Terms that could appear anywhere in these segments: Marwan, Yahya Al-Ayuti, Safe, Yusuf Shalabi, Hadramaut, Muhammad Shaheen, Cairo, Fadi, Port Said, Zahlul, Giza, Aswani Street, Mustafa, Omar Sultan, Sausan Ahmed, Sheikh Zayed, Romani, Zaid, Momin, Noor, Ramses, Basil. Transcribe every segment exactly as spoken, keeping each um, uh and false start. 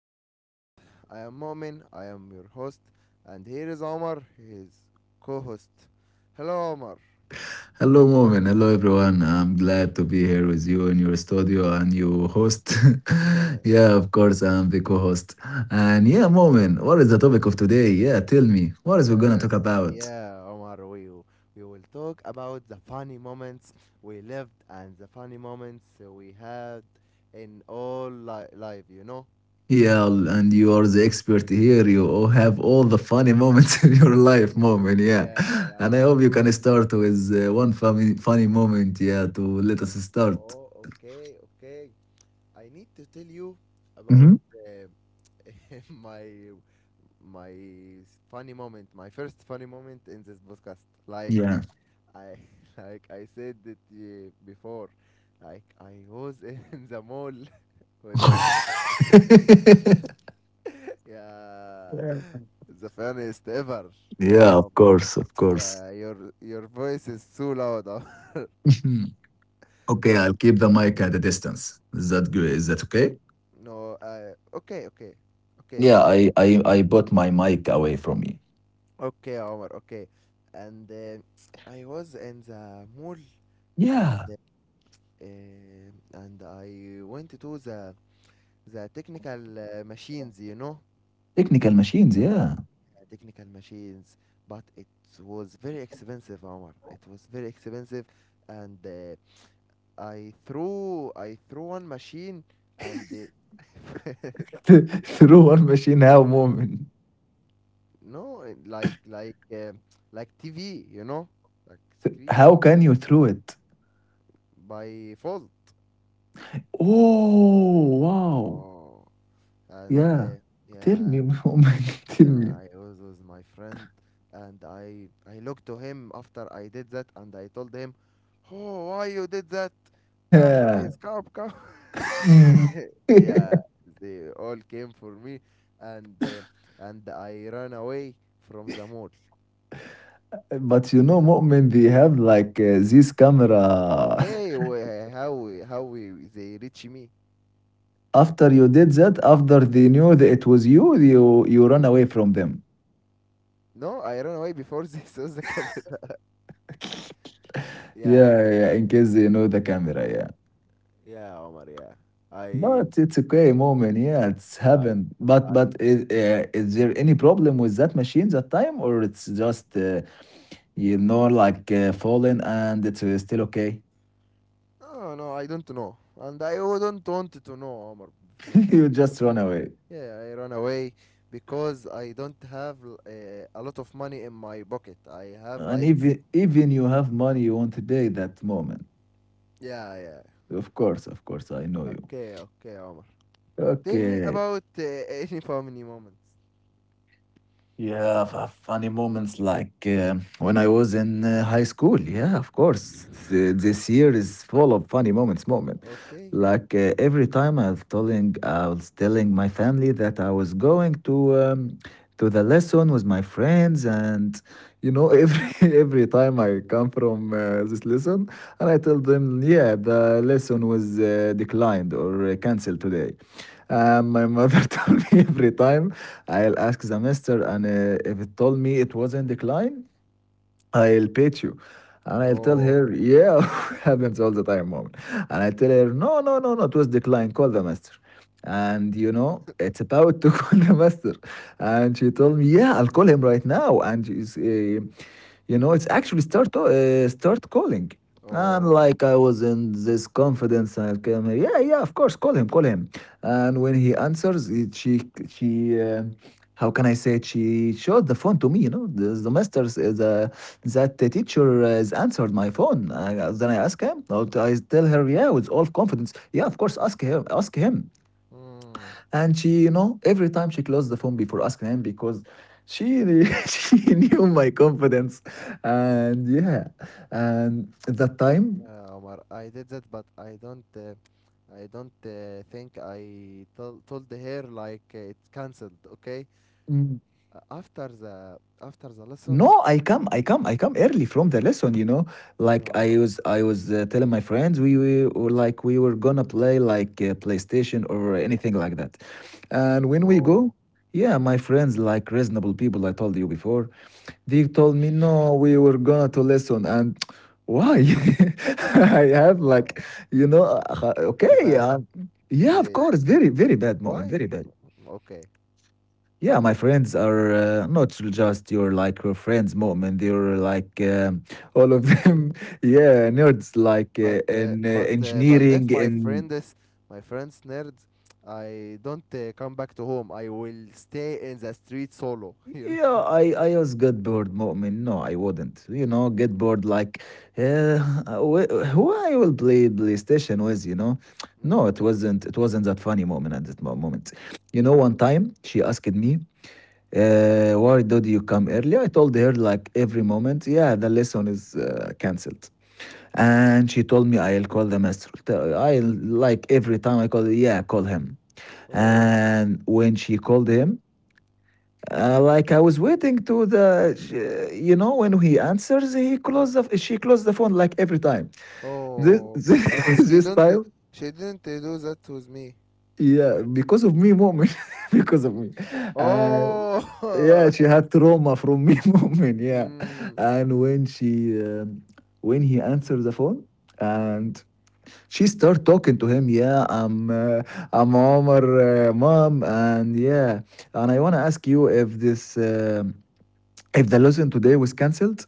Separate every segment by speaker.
Speaker 1: our podcast. I am Momin, I am your host, and here is Omar, his co-host. Hello, Omar.
Speaker 2: Hello, Moment. Hello, everyone. I'm glad to be here with you in your studio and you host. Yeah, of course, I'm the co host. And yeah, Moment, what is the topic of today? Yeah, tell me, what is we
Speaker 1: Oh,
Speaker 2: going to
Speaker 1: yeah.
Speaker 2: talk about?
Speaker 1: Yeah, Omar, we we will talk about the funny moments we lived and the funny moments we had in all li- life, you know?
Speaker 2: Yeah, and you are the expert here. You all have all the funny moments in your life, Moment. Yeah.
Speaker 1: Yeah,
Speaker 2: And I
Speaker 1: yeah, Omar.
Speaker 2: hope you can start with uh, one funny, funny moment. Yeah, to let us start.
Speaker 1: Oh, okay, okay. I need to tell you about
Speaker 2: Hmm.
Speaker 1: uh, my my funny moment, my first funny moment in this podcast. Like
Speaker 2: Yeah.
Speaker 1: I, like I said it uh, before. Like I was in the mall with my, yeah, the funniest ever. Yeah,
Speaker 2: Yeah, of
Speaker 1: Omar.
Speaker 2: course, of course.
Speaker 1: Yeah. Your your voice is too loud, Omar.
Speaker 2: Okay,
Speaker 1: Ok-
Speaker 2: I'll keep the mic at a distance. Is that good? Is that okay?
Speaker 1: no, uh, okay, okay, okay,
Speaker 2: Yeah,
Speaker 1: but
Speaker 2: I I I put my mic away from me.
Speaker 1: okay, Omar, okay. And uh, I was in the mall, and
Speaker 2: Yeah,
Speaker 1: uh, and I went to the the technical uh, machines, you know,
Speaker 2: technical machines. Yeah,
Speaker 1: uh, technical machines. But it was very expensive, Omar. It was very expensive, and uh, I threw I threw one machine, and uh,
Speaker 2: throw one machine. How, moment?
Speaker 1: no, uh, like like uh, like T V, you know, like screen
Speaker 2: How can you throw it?
Speaker 1: by fault.
Speaker 2: Oh wow!
Speaker 1: Oh, and
Speaker 2: Yeah,
Speaker 1: uh,
Speaker 2: tell
Speaker 1: yeah.
Speaker 2: me, moment. Tell
Speaker 1: Yeah,
Speaker 2: me.
Speaker 1: I always was my friend, and I I looked to him after I did that, and I told him, "Oh, why you did that? Come
Speaker 2: Yeah.
Speaker 1: guys, come, come."
Speaker 2: Mm.
Speaker 1: Yeah, they all came for me, and uh, and I ran away from the mall.
Speaker 2: But you know, moment, they have like uh, this camera.
Speaker 1: Okay, wh- how we- how we, they reach me?
Speaker 2: After you did that, after they knew that it was you, you you run away from them.
Speaker 1: No, I ran away before they saw the camera. Yeah,
Speaker 2: Yeah, yeah, yeah, in case you know the camera, yeah.
Speaker 1: yeah, Omar, yeah. I
Speaker 2: But it's okay moment, yeah, it's
Speaker 1: I
Speaker 2: happened. But but is, uh, is there any problem with that machine that time, or it's just uh, you know like uh, falling and it's uh, still okay?
Speaker 1: Oh, no, I don't know, and I wouldn't want to know, Omar. For,
Speaker 2: You just
Speaker 1: for,
Speaker 2: run away,
Speaker 1: yeah, I run away because I don't have l- uh, a lot of money in my pocket. I have
Speaker 2: and
Speaker 1: like, f-
Speaker 2: even even you have money, you won't pay that moment.
Speaker 1: yeah, yeah.
Speaker 2: Of course, of course, I know you.
Speaker 1: Okay, okay, Omar. Tell me
Speaker 2: Okay.
Speaker 1: about uh, any family moments.
Speaker 2: Yeah, f- funny moments like uh, when I was in uh, high school. Yeah, of course. Th- this year is full of funny moments. Moment,
Speaker 1: Okay.
Speaker 2: like uh, every time I was telling, I was telling my family that I was going to um, to the lesson with my friends, and you know, every every time I come from uh, this lesson, and I
Speaker 1: Mm.
Speaker 2: tell them, yeah, the lesson was uh, declined or uh, canceled today. Um, my mother told me every time I'll ask the mister, and uh, if it told me it was in decline, I'll pay you. And I'll tell
Speaker 1: Oh,
Speaker 2: her, yeah, happens all the time, mom. And I tell her, no, no, no, no, it was decline. Call the master. And you know, it's about to call the master. And she told me, yeah, I'll call him right now. And she's, uh, you know, it's actually start to, uh, start calling. I'm
Speaker 1: oh.
Speaker 2: like, I was in this confidence. I came here. Yeah, yeah, of course, call him, call him. And when he answers, it, she, she, uh, how can I say it? She showed the phone to me. You know, the, the master's is uh, the that the teacher has answered my phone. I, then I ask him. I tell her, yeah, with all confidence. Yeah, of course, ask him, ask him.
Speaker 1: Mm.
Speaker 2: And she, you know, every time she closed the phone before asking him because she she knew my confidence. And yeah, and at that time,
Speaker 1: Yeah, Omar, I did that, but I don't, uh, I don't uh, think I tol told her like uh, it's cancelled. Okay,
Speaker 2: mm,
Speaker 1: uh, after the after the lesson.
Speaker 2: no, I come, I come, I come early from the lesson. You know, like
Speaker 1: No.
Speaker 2: I was, I was uh, telling my friends we were or like we were gonna play like uh, PlayStation or anything like that. And when we go,
Speaker 1: Oh,
Speaker 2: yeah, my friends like reasonable people. I told you before. They told me, no, we were gonna to listen. And why? I have
Speaker 1: oh,
Speaker 2: like, you know, uh,
Speaker 1: it's
Speaker 2: okay.
Speaker 1: bad.
Speaker 2: Uh, yeah, of
Speaker 1: The.
Speaker 2: course. Very, very bad moment.
Speaker 1: Why?
Speaker 2: Very bad.
Speaker 1: Okay,
Speaker 2: Yeah, my friends are uh, not just your like your friends moment. They're like um, all of
Speaker 1: okay,
Speaker 2: them. Yeah, nerds like
Speaker 1: but
Speaker 2: uh,
Speaker 1: uh,
Speaker 2: in uh,
Speaker 1: but uh, but if
Speaker 2: engineering,
Speaker 1: my
Speaker 2: in.
Speaker 1: friend is, my friends nerds, I don't uh, come back to home, I will stay in the street solo. You know.
Speaker 2: Yeah, I, I was get bored, Mu'min. No, I wouldn't. You know, get
Speaker 1: Mm.
Speaker 2: bored like, uh, wh- who I will play PlayStation with, you know? No,
Speaker 1: Mm.
Speaker 2: it wasn't. It wasn't that funny, Mu'min, at that mo- moment. You know, one time she asked me, uh, why did you come early? I told her like every moment, yeah, the lesson is uh, cancelled. And she told me I'll call the master. T- I'll like every time I call, yeah, call him.
Speaker 1: Oh,
Speaker 2: And when she called him, uh, like I was waiting to the, sh- you know, when he answers, he close the, she closed the phone like every time. This
Speaker 1: oh, but
Speaker 2: this,
Speaker 1: she
Speaker 2: this
Speaker 1: don't, uh,
Speaker 2: time,
Speaker 1: she didn't uh, do that with me.
Speaker 2: yeah, because of me, moment, because of me. Uh,
Speaker 1: Oh,
Speaker 2: yeah, she
Speaker 1: it's,
Speaker 2: had
Speaker 1: uh,
Speaker 2: trauma from me, moment. Yeah,
Speaker 1: mm,
Speaker 2: and when she, um, when he answered the phone, and
Speaker 1: mm.
Speaker 2: she start talking to him. Yeah, I'm, uh, I'm Omar, uh, mom, and yeah, and I wanna ask you if this. Um if the lesson today was cancelled,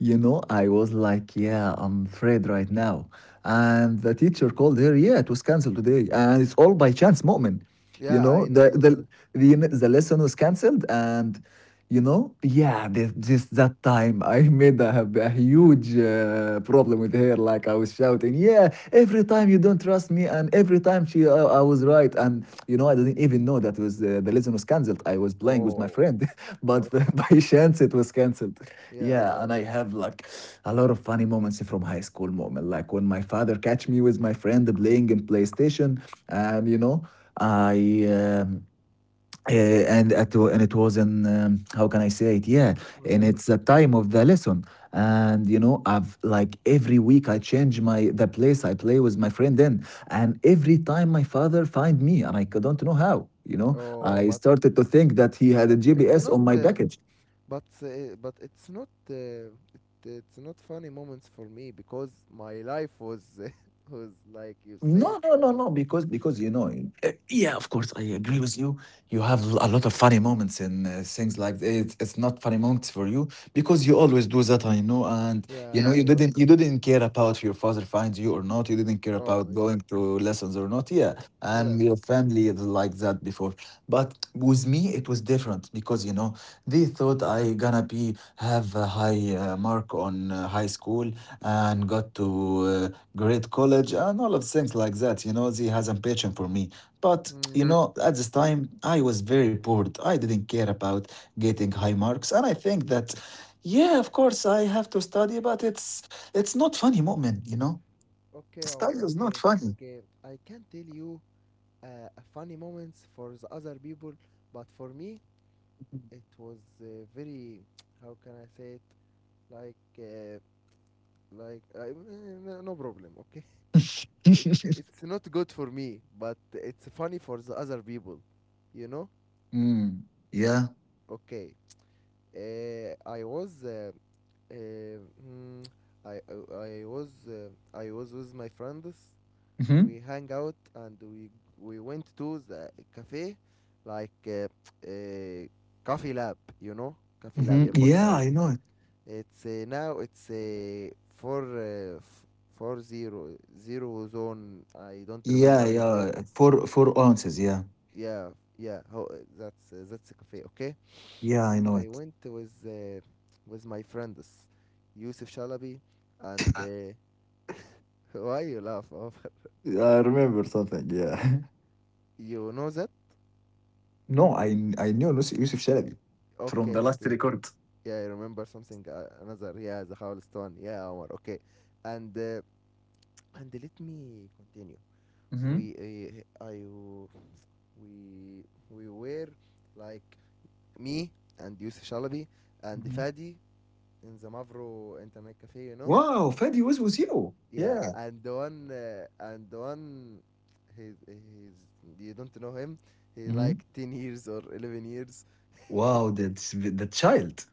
Speaker 2: you know, I was like, yeah, I'm afraid right now. And the teacher called her, yeah, it was cancelled today. And it's all by chance moment. You
Speaker 1: Yeah,
Speaker 2: know,
Speaker 1: I know
Speaker 2: the
Speaker 1: that, man.
Speaker 2: the the, the lesson was cancelled and you know yeah this, just that time I made a, a huge uh, problem with her like I was shouting yeah every time you don't trust me and every time she i, I was right and you know I didn't even know that was uh, the lesson was cancelled. I was playing with my
Speaker 1: Oh.
Speaker 2: friend but
Speaker 1: Okay.
Speaker 2: by chance it was cancelled.
Speaker 1: Yeah,
Speaker 2: Yeah,
Speaker 1: yeah.
Speaker 2: and I have like a lot of funny moments from high school moment, like when my father catch me with my friend playing in PlayStation. And you know I um, uh, and at, and it was in um, how can I say it? Yeah,
Speaker 1: Or
Speaker 2: and
Speaker 1: but,
Speaker 2: it's the time of the lesson. And you know, I've like every week I change my the place I play with my friend in, and every time my father find me, and I don't know how. You know,
Speaker 1: oh,
Speaker 2: I
Speaker 1: but
Speaker 2: started to think that he had a
Speaker 1: but it's
Speaker 2: G P S
Speaker 1: not.
Speaker 2: on my
Speaker 1: Uh,
Speaker 2: package.
Speaker 1: but uh, but it's not. Uh, it, it's not funny moments for me because my life was was like you said.
Speaker 2: No, no,
Speaker 1: My
Speaker 2: no,
Speaker 1: mom.
Speaker 2: no. Because because you know, eh, yeah, of course, I agree with you. You have a lot of funny moments and uh, things like it's it's not funny moments for you because you always do that. I know, and you know,
Speaker 1: Yeah.
Speaker 2: yeah, you
Speaker 1: I. Al-.
Speaker 2: didn't you didn't care about if your father finds you or not. You didn't care
Speaker 1: Oh,
Speaker 2: about
Speaker 1: yeah.
Speaker 2: going to lessons or not. Yeah,
Speaker 1: Yeah.
Speaker 2: and your family is like that before. But with me, it was different because you know they thought I gonna be have a high uh, mark on uh, high school and got to uh, great college and all of things like that. You know, they has a passion for me. But
Speaker 1: Mm.
Speaker 2: you Mm. know, at this time, I was very bored. I didn't care about getting high marks, and I think that, yeah, of course, I have to study, but it's it's not funny, moment. You know,
Speaker 1: Okay, Omar.
Speaker 2: study is not
Speaker 1: Okay.
Speaker 2: funny.
Speaker 1: Okay. I can not tell you uh, a funny moments for the other people, but for me it was uh, very. How can I say it? Like. Uh, like I, eh, no problem. Okay. it's it's not good for me, but it's funny for the other people you know
Speaker 2: Mm, yeah.
Speaker 1: okay. uh, i was uh, uh, mm, I, I i was uh, i was with my friends.
Speaker 2: Hmm.
Speaker 1: We hang out, and we we went to the cafe, like uh, uh, coffee lab, you know, coffee lab
Speaker 2: Hmm.
Speaker 1: in
Speaker 2: Yeah,
Speaker 1: Portside.
Speaker 2: I know it.
Speaker 1: It's uh, now it's uh, four uh, f- four zero zero zone, I don't
Speaker 2: Yeah,
Speaker 1: remember his name.
Speaker 2: yeah. Four four ounces. Yeah,
Speaker 1: Yeah, yeah. How, uh, that's uh, that's a cafe, okay?
Speaker 2: yeah, I
Speaker 1: And
Speaker 2: know
Speaker 1: I
Speaker 2: it.
Speaker 1: went with uh, with my friends, Yusuf Shalabi, and uh, why you laugh over?
Speaker 2: I remember something. Yeah.
Speaker 1: You know that?
Speaker 2: No, I I knew Yusuf Shalabi from the
Speaker 1: Okay,
Speaker 2: last
Speaker 1: okay.
Speaker 2: record.
Speaker 1: Yeah, I remember something. Uh, another, yeah, the howlest one. Yeah, Omar. Okay, and uh, and let me continue.
Speaker 2: Mhm.
Speaker 1: We, uh, I, we, we were like me and Yusuf Shalabi and
Speaker 2: Mhm.
Speaker 1: Fadi in the Mavro Internet Cafe, you know.
Speaker 2: Wow, Fadi was with you.
Speaker 1: Yeah,
Speaker 2: Yeah.
Speaker 1: and the one uh, and the one he's he's you don't know him. He
Speaker 2: Mhm.
Speaker 1: like ten years or eleven years.
Speaker 2: Wow, that's the child.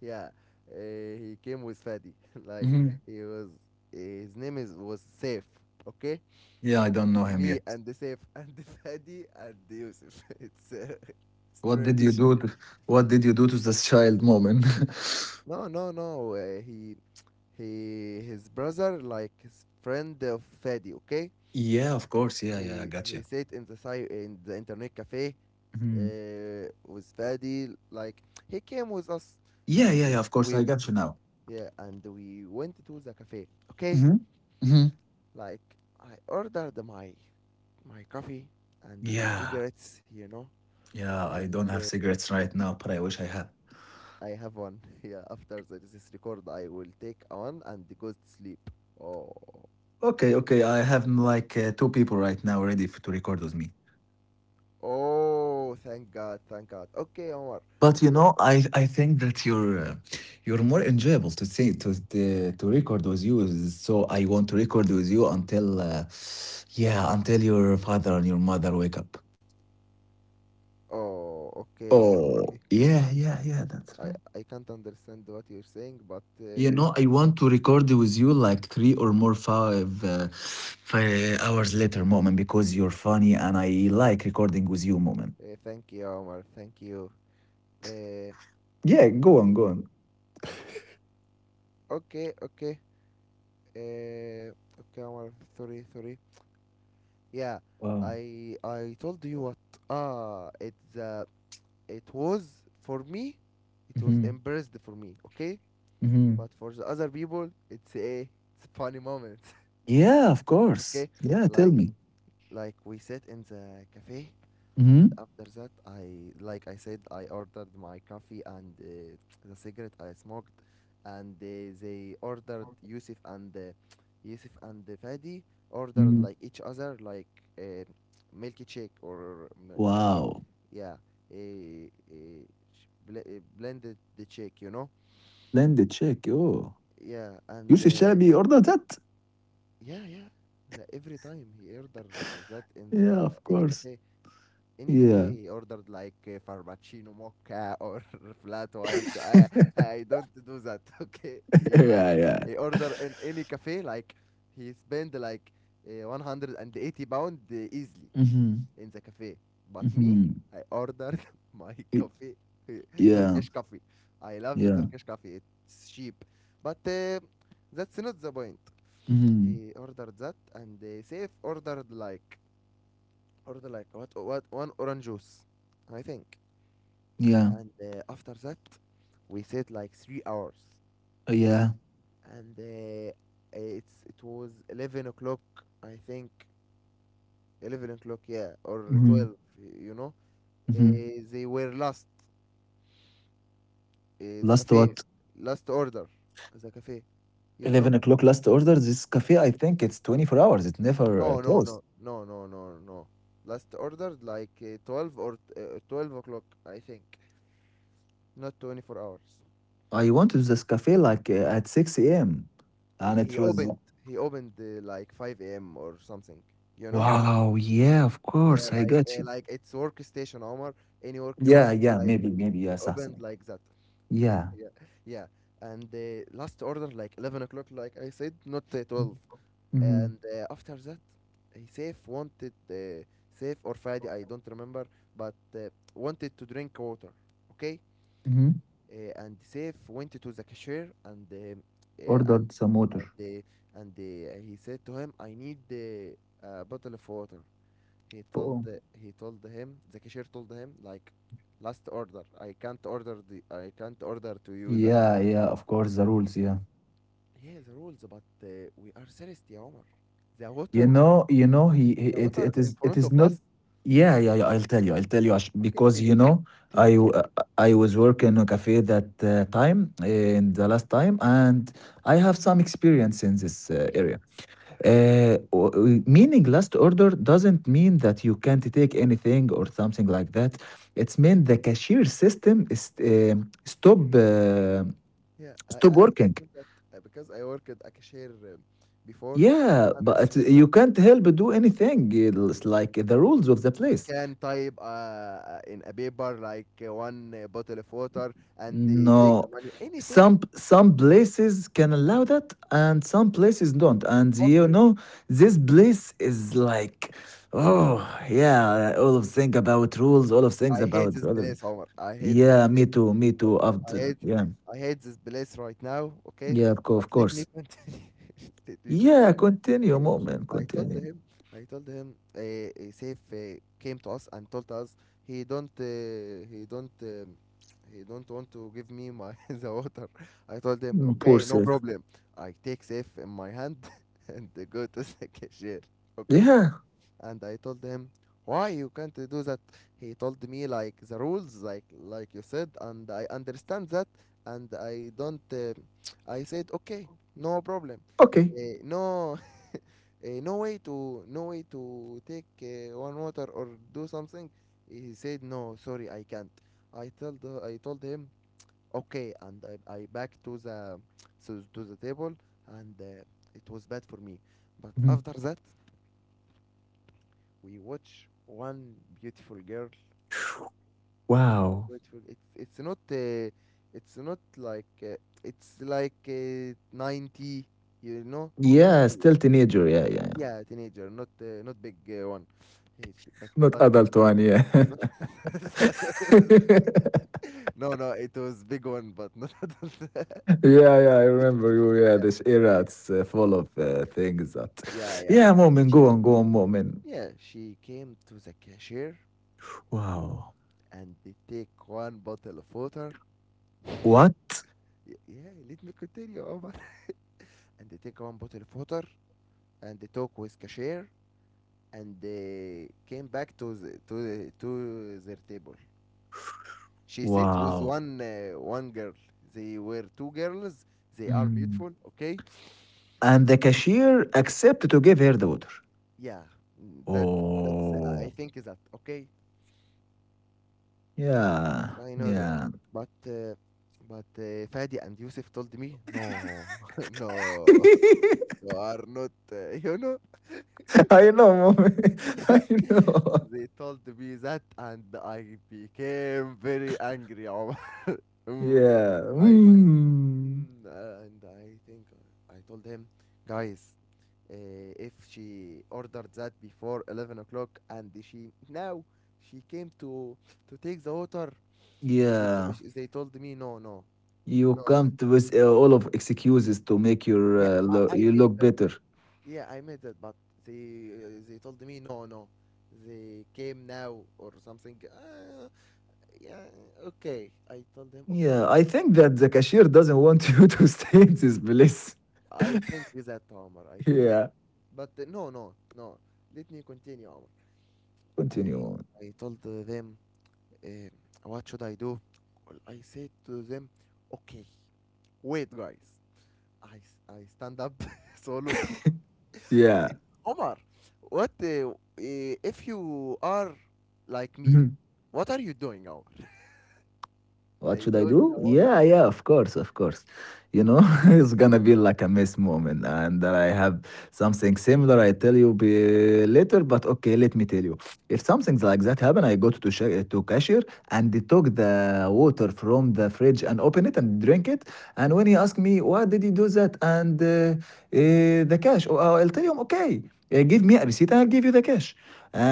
Speaker 1: Yeah, uh, he came with Fadi. Like
Speaker 2: Mhm.
Speaker 1: he was uh, his name is was Safe. Okay,
Speaker 2: Yeah, I don't know him
Speaker 1: me
Speaker 2: yet.
Speaker 1: and the Safe and the Fadi and the Yusuf. It's uh,
Speaker 2: What did you
Speaker 1: strange.
Speaker 2: do? To, what did you do to this child, Moment?
Speaker 1: No, no, no. Uh, he he his brother like his friend of Fadi. Okay,
Speaker 2: Yeah, of course. Yeah, yeah, I
Speaker 1: he
Speaker 2: got
Speaker 1: he
Speaker 2: you.
Speaker 1: sat in the side in the internet cafe,
Speaker 2: Mhm.
Speaker 1: uh, with Fadi. Like he came with us,
Speaker 2: Yeah,
Speaker 1: and
Speaker 2: yeah, yeah. Of course,
Speaker 1: we,
Speaker 2: I got you now.
Speaker 1: yeah, and we went to the cafe. Okay,
Speaker 2: Mhm. Mhm.
Speaker 1: like I ordered my my coffee and the
Speaker 2: Yeah,
Speaker 1: cigarettes, you know,
Speaker 2: yeah. I
Speaker 1: and
Speaker 2: don't
Speaker 1: uh,
Speaker 2: have cigarettes right now, but I wish I had.
Speaker 1: I have one. Yeah, after the- this record, I will take one and go to sleep. Oh,
Speaker 2: Okay, okay. I have like uh, two people right now ready f to record with me.
Speaker 1: oh, thank God, thank God. Okay, Omar.
Speaker 2: But you
Speaker 1: Okay.
Speaker 2: know, I I think that you're uh, you're more enjoyable to see to to, to record with you. So I want to record with you until uh, yeah, until your father and your mother wake up.
Speaker 1: Oh, okay, Omar. Okay.
Speaker 2: Oh yeah, yeah, yeah. That's
Speaker 1: I
Speaker 2: right.
Speaker 1: I can't understand what you're saying, but. Uh,
Speaker 2: You know, I want to record with you like three or more five uh, five hours later, moment, because you're funny and I like recording with you, moment.
Speaker 1: uh, thank you, Omar. Thank you. Uh,
Speaker 2: Yeah, go on, go on.
Speaker 1: okay, okay. Uh, okay, Omar, sorry, sorry. Yeah,
Speaker 2: Wow.
Speaker 1: I I told you what. Ah, it's uh, it was for me, it was
Speaker 2: Hmm.
Speaker 1: embarrassed for me. Okay,
Speaker 2: Hmm.
Speaker 1: but for the other people, it's a it's a funny moment.
Speaker 2: Yeah, of course.
Speaker 1: Okay,
Speaker 2: Yeah, tell
Speaker 1: like
Speaker 2: me.
Speaker 1: like we sit in the cafe,
Speaker 2: Hmm.
Speaker 1: and after that, I, like I said, I ordered my coffee and uh, the cigarette I smoked, and uh, they ordered Yusuf and uh, Yusuf and uh, Fadi ordered like each other, like uh, milky shake or m- eh,
Speaker 2: Wow,
Speaker 1: yeah, a, a sh- bl- eh, blended the shake, you know
Speaker 2: landed check. Oh,
Speaker 1: yeah. And
Speaker 2: Youssef
Speaker 1: uh,
Speaker 2: Chalabi ordered that?
Speaker 1: yeah, yeah, the, every time he ordered that in the
Speaker 2: Yeah, of
Speaker 1: any
Speaker 2: course.
Speaker 1: cafe, any cafe
Speaker 2: Yeah.
Speaker 1: he ordered like uh, farmacino mocha or flat white. i i don't do that. Okay, he like,
Speaker 2: Yeah, yeah.
Speaker 1: he order in any cafe, like he spend like uh, one hundred eighty pound, uh, easily,
Speaker 2: Mhm,
Speaker 1: in the cafe. But me,
Speaker 2: mhm.
Speaker 1: I ordered my
Speaker 2: Y-
Speaker 1: coffee,
Speaker 2: Yeah,
Speaker 1: turkish coffee. I love the
Speaker 2: yeah.
Speaker 1: turkish coffee, it's cheap. But uh, that's not the point.
Speaker 2: Mhm.
Speaker 1: He ordered that, and uh, Safe ordered like, order like what, what one orange juice, I think.
Speaker 2: Yeah,
Speaker 1: And uh, after that, we sat like three hours,
Speaker 2: uh, yeah.
Speaker 1: and uh, it's it was eleven o'clock, I think. Eleven o'clock, yeah, or
Speaker 2: Mhm,
Speaker 1: twelve. You know,
Speaker 2: mhm.
Speaker 1: uh, they were last. Uh, the
Speaker 2: Last
Speaker 1: cafe,
Speaker 2: what?
Speaker 1: last order, the cafe. You know?
Speaker 2: eleven o'clock last order. This cafe, I think it's twenty-four hours. It never
Speaker 1: No,
Speaker 2: uh,
Speaker 1: no, no,
Speaker 2: closed.
Speaker 1: no, no, no, no. Last ordered like uh, twelve, or uh, twelve o'clock, I think. Not twenty-four hours.
Speaker 2: I went to this cafe like uh, at six a m
Speaker 1: he
Speaker 2: and it
Speaker 1: he
Speaker 2: was.
Speaker 1: opened he opened uh, like five a m or something, you know?
Speaker 2: Wow, yeah, of
Speaker 1: Yeah,
Speaker 2: course. I
Speaker 1: like
Speaker 2: got
Speaker 1: uh,
Speaker 2: you.
Speaker 1: like it's workstation, Omar. Any workstation,
Speaker 2: Yeah, yeah,
Speaker 1: like
Speaker 2: maybe, maybe,
Speaker 1: he
Speaker 2: yeah,
Speaker 1: opened
Speaker 2: Sahsan.
Speaker 1: like that.
Speaker 2: Yeah.
Speaker 1: Yeah, yeah. And uh, last order like eleven o'clock, like I said, not uh, twelve. And
Speaker 2: Mhm.
Speaker 1: uh, after that, he Safe wanted, uh, Safe or Friday, I don't remember, but uh, wanted to drink water. Okay,
Speaker 2: Mhm.
Speaker 1: uh, and Safe went to the cashier, and um uh, and
Speaker 2: Ordered some
Speaker 1: and
Speaker 2: motor.
Speaker 1: they and they, uh, he said to him, "I need the a bottle of water." He told
Speaker 2: Boom.
Speaker 1: the, he told him The cashier told him, like, "Last order. I can't order the I can't order to you that."
Speaker 2: Yeah, yeah, of course, the rules, yeah.
Speaker 1: Yeah, the rules, but uh, we are serious, يا عمر. The
Speaker 2: You
Speaker 1: water,
Speaker 2: know, you know, he, he
Speaker 1: the
Speaker 2: it,
Speaker 1: water
Speaker 2: it
Speaker 1: in
Speaker 2: is it
Speaker 1: front of
Speaker 2: is not.
Speaker 1: us.
Speaker 2: Yeah, yeah, yeah. I'll tell you, I'll tell you, Ash-
Speaker 1: Okay, tell
Speaker 2: because you know,
Speaker 1: tell
Speaker 2: I
Speaker 1: me,
Speaker 2: w-
Speaker 1: yeah.
Speaker 2: uh, I was working in a cafe that uh, time, in the last time, and I have some experience in this uh,
Speaker 1: Okay,
Speaker 2: area. Uh, o- o- meaning last order doesn't mean that you can't take anything or something like that. It's meant the cashier system is um stop uh,
Speaker 1: yeah, I I
Speaker 2: stop working.
Speaker 1: understand that, uh, because I worked at a cashier, um, before.
Speaker 2: Yeah,
Speaker 1: I
Speaker 2: but
Speaker 1: understand that.
Speaker 2: you can't help do anything. It's like the rules of the
Speaker 1: You
Speaker 2: place.
Speaker 1: can type uh, in a paper like uh, one uh, bottle of water, and they take
Speaker 2: No,
Speaker 1: the money. Anything.
Speaker 2: some some places can allow that, and some places don't. And you
Speaker 1: Okay.
Speaker 2: know, this place is like, oh yeah, all of things about rules, all of things
Speaker 1: I hate
Speaker 2: about,
Speaker 1: this
Speaker 2: all of,
Speaker 1: place, Omar. I hate this
Speaker 2: yeah,
Speaker 1: place.
Speaker 2: me too, me too.
Speaker 1: Okay. I
Speaker 2: After
Speaker 1: hate
Speaker 2: yeah,
Speaker 1: I hate this place right now. Okay.
Speaker 2: yeah, of co-
Speaker 1: But
Speaker 2: of
Speaker 1: let me
Speaker 2: course.
Speaker 1: continue. Let me
Speaker 2: Yeah,
Speaker 1: continue.
Speaker 2: continue,
Speaker 1: Okay,
Speaker 2: moment,
Speaker 1: I told
Speaker 2: continue.
Speaker 1: him, I told him, uh, uh, Saif uh, came to us and told us he don't, uh, he don't, um, he don't want to give me my the water. I told him,
Speaker 2: Mm, Poor
Speaker 1: okay, no
Speaker 2: self.
Speaker 1: problem. I take Saif in my hand and go to the cashier, okay?
Speaker 2: Yeah,
Speaker 1: And I told him, why you can't do that? He told me like the rules, like like you said, and I understand that, and I don't. Uh, I said, okay, no problem.
Speaker 2: okay.
Speaker 1: Eh, no uh, no way to no way to take uh, one water, or do something. He said, no, sorry, I can't. i told the- I told him, okay, and i, I back to the, so to the table, and uh, it was bad for me, but
Speaker 2: Mhm.
Speaker 1: after that we watch one beautiful girl. Oh,
Speaker 2: Wow.
Speaker 1: beautiful. It's it's not uh, it's not like uh, it's like uh, ninety, you know
Speaker 2: Yeah, still teenager. Yeah, yeah, yeah.
Speaker 1: yeah, teenager, not uh, not big, uh, one. Hey, sh- but
Speaker 2: Not
Speaker 1: but
Speaker 2: adult one. Yeah,
Speaker 1: no, no, it was big one, but not
Speaker 2: yeah, yeah. I remember you. Yeah,
Speaker 1: yeah,
Speaker 2: this era.
Speaker 1: yeah,
Speaker 2: It's uh, full of uh, things that.
Speaker 1: yeah, yeah.
Speaker 2: Yeah, moment. Go
Speaker 1: She,
Speaker 2: on, go on, moment.
Speaker 1: yeah, she came to the cashier
Speaker 2: Wow.
Speaker 1: and they take one bottle of water.
Speaker 2: What?
Speaker 1: Y- Yeah, let me continue, Omar. And they take one bottle of water, and they talk with cashier, and they came back to the, to the, to their table. She sat with
Speaker 2: Wow.
Speaker 1: one uh, one girl. They were two girls. They are
Speaker 2: Mm.
Speaker 1: beautiful, okay?
Speaker 2: And the cashier accepted to give her the water.
Speaker 1: Yeah, mm, that that's uh, I
Speaker 2: Oh.
Speaker 1: think is that okay.
Speaker 2: Yeah.
Speaker 1: I know that,
Speaker 2: Yeah.
Speaker 1: but uh, but uh, Fadi and Yusuf told me, no, no, you are not, uh, you know,
Speaker 2: I know, moment.
Speaker 1: yeah.
Speaker 2: I know.
Speaker 1: They told me that, and I became very angry, Omar. Mm,
Speaker 2: Yeah.
Speaker 1: like,
Speaker 2: Mm.
Speaker 1: mm, uh, and I think I told him, guys, uh, if she ordered that before eleven o'clock, and she now she came to to take the water, she, t-
Speaker 2: Yeah.
Speaker 1: sh they told me, no, no.
Speaker 2: You
Speaker 1: No.
Speaker 2: come to with uh, all of excuses to make your
Speaker 1: Yeah,
Speaker 2: uh,
Speaker 1: I,
Speaker 2: lo-
Speaker 1: I
Speaker 2: you
Speaker 1: made
Speaker 2: look
Speaker 1: that.
Speaker 2: better.
Speaker 1: Yeah, I made that, but they uh, they told me no, no. They came now or something. Uh, yeah, okay. I told them, okay,
Speaker 2: Yeah,
Speaker 1: guys.
Speaker 2: I think
Speaker 1: Okay,
Speaker 2: that the cashier doesn't want you to stay in this place.
Speaker 1: I think with that, Omar. I think that.
Speaker 2: Yeah,
Speaker 1: But uh, no, no, no. Let me continue, Omar.
Speaker 2: continue.
Speaker 1: I
Speaker 2: On.
Speaker 1: I told uh, them, um, what should I do? Well, I said to them, okay, wait, guys. I s- I stand up solo.
Speaker 2: Yeah.
Speaker 1: Omar, what uh, uh, if you are like me? What are you doing, Omar?
Speaker 2: What should
Speaker 1: I
Speaker 2: I
Speaker 1: do
Speaker 2: do?
Speaker 1: the worst.
Speaker 2: Yeah, yeah, of course, of course. You know, it's gonna be like a missed moment, and that I have something similar. I tell you be later, but okay, let me tell you. If something's like that happen, I go to sha- to cashier and they took the water from the fridge and open it and drink it. And when he asked me why did he do that, and uh, uh, the cash, oh, I'll tell him okay, uh, give me a receipt and I'll give you the cash.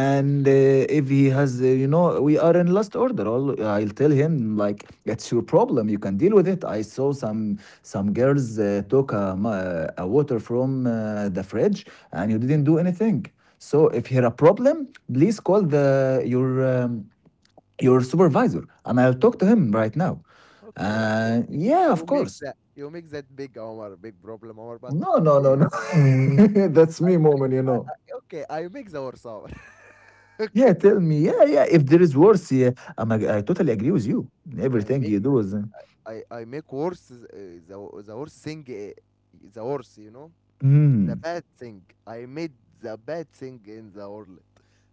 Speaker 1: Hmm.
Speaker 2: uh, if he has, uh, you know, we are in last order. I'll, I'll tell him like it's your problem. You can deal with it. I saw some some girls uh, took a, ma- a water from uh, the fridge, and you didn't do anything. So if here a problem, please call the your um, your supervisor, and I'll talk to him right now.
Speaker 1: Okay, okay.
Speaker 2: Uh, yeah, of
Speaker 1: You make
Speaker 2: course.
Speaker 1: that you make that big Omar, big problem, Omar. But
Speaker 2: No, no, no,
Speaker 1: eh,
Speaker 2: no. That's
Speaker 1: I,
Speaker 2: me moment, you
Speaker 1: I,
Speaker 2: know.
Speaker 1: I okay, I make the worst, Omar.
Speaker 2: Yeah,
Speaker 1: okay,
Speaker 2: tell me. Yeah, yeah. If there is worse, yeah, I'm, ag- I totally agree with you.
Speaker 1: I
Speaker 2: Everything
Speaker 1: make
Speaker 2: you do is. uh,
Speaker 1: I I make worse uh, the the worst thing, uh, the worst, you know, the
Speaker 2: Hmm.
Speaker 1: bad thing. I made the bad thing in the world.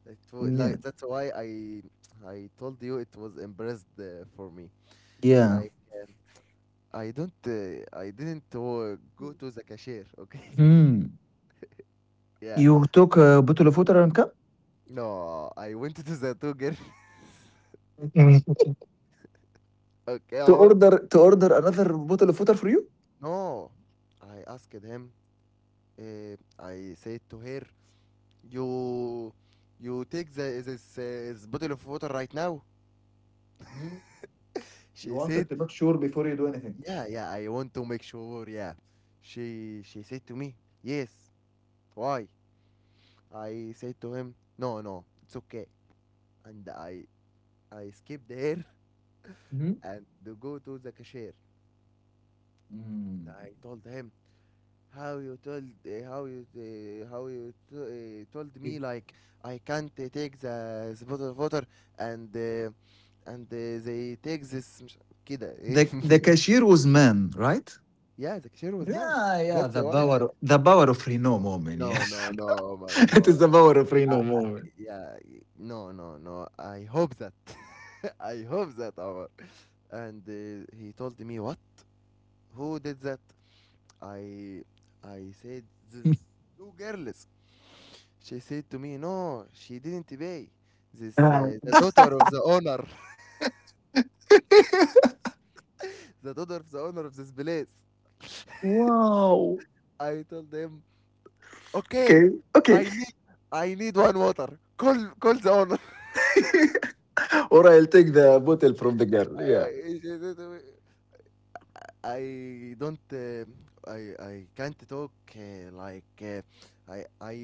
Speaker 1: It wa-
Speaker 2: Yeah.
Speaker 1: like that's why I I told you it was embarrassed uh, for me.
Speaker 2: Yeah.
Speaker 1: Like um, I don't uh, I didn't uh, go to the cashier. Okay.
Speaker 2: Hmm.
Speaker 1: Yeah.
Speaker 2: You took a bottle of water and cup.
Speaker 1: No, I went to the Tugger.
Speaker 2: Mm.
Speaker 1: Okay,
Speaker 2: To
Speaker 1: Omar.
Speaker 2: order to order another bottle of water for you.
Speaker 1: No, I asked him. Uh, I said to her, you you take the this, uh, this bottle of water right now.
Speaker 2: Mm. You
Speaker 1: She said,
Speaker 2: wanted to make sure before you do anything.
Speaker 1: yeah, yeah. I want to make sure. Yeah. She she said to me, yes. Why? I said to him, no, no, it's okay. And I, I skipped her
Speaker 2: Mhm.
Speaker 1: and to go to the cashier.
Speaker 2: Mm.
Speaker 1: I told him, how you told, uh, how you, uh, how you t- uh, told me like I can't uh, take the, the bottle of water and uh, and uh, they take this مش- كده.
Speaker 2: The the cashier was man, right?
Speaker 1: Yeah, the cashier was man,
Speaker 2: Yeah, yeah.
Speaker 1: that's
Speaker 2: The
Speaker 1: why I,
Speaker 2: power, the power of Reno moment. Yeah,
Speaker 1: no no no, Omar,
Speaker 2: it
Speaker 1: no,
Speaker 2: is the power of
Speaker 1: uh,
Speaker 2: Reno moment.
Speaker 1: yeah, no no no, I hope that. I hope that, Omar, and uh, he told me what, who did that. I i said this two girls. She said to me, no, she didn't pay, this
Speaker 2: Wow.
Speaker 1: uh, the daughter of the owner. The daughter of the owner of this place.
Speaker 2: wow.
Speaker 1: I told them, okay,
Speaker 2: Okay.
Speaker 1: I
Speaker 2: Okay.
Speaker 1: need, I need one water. Call, call the owner.
Speaker 2: or I'll take the bottle from the girl. Yeah.
Speaker 1: She said to me, I don't. Uh, I I can't talk uh, like uh, I I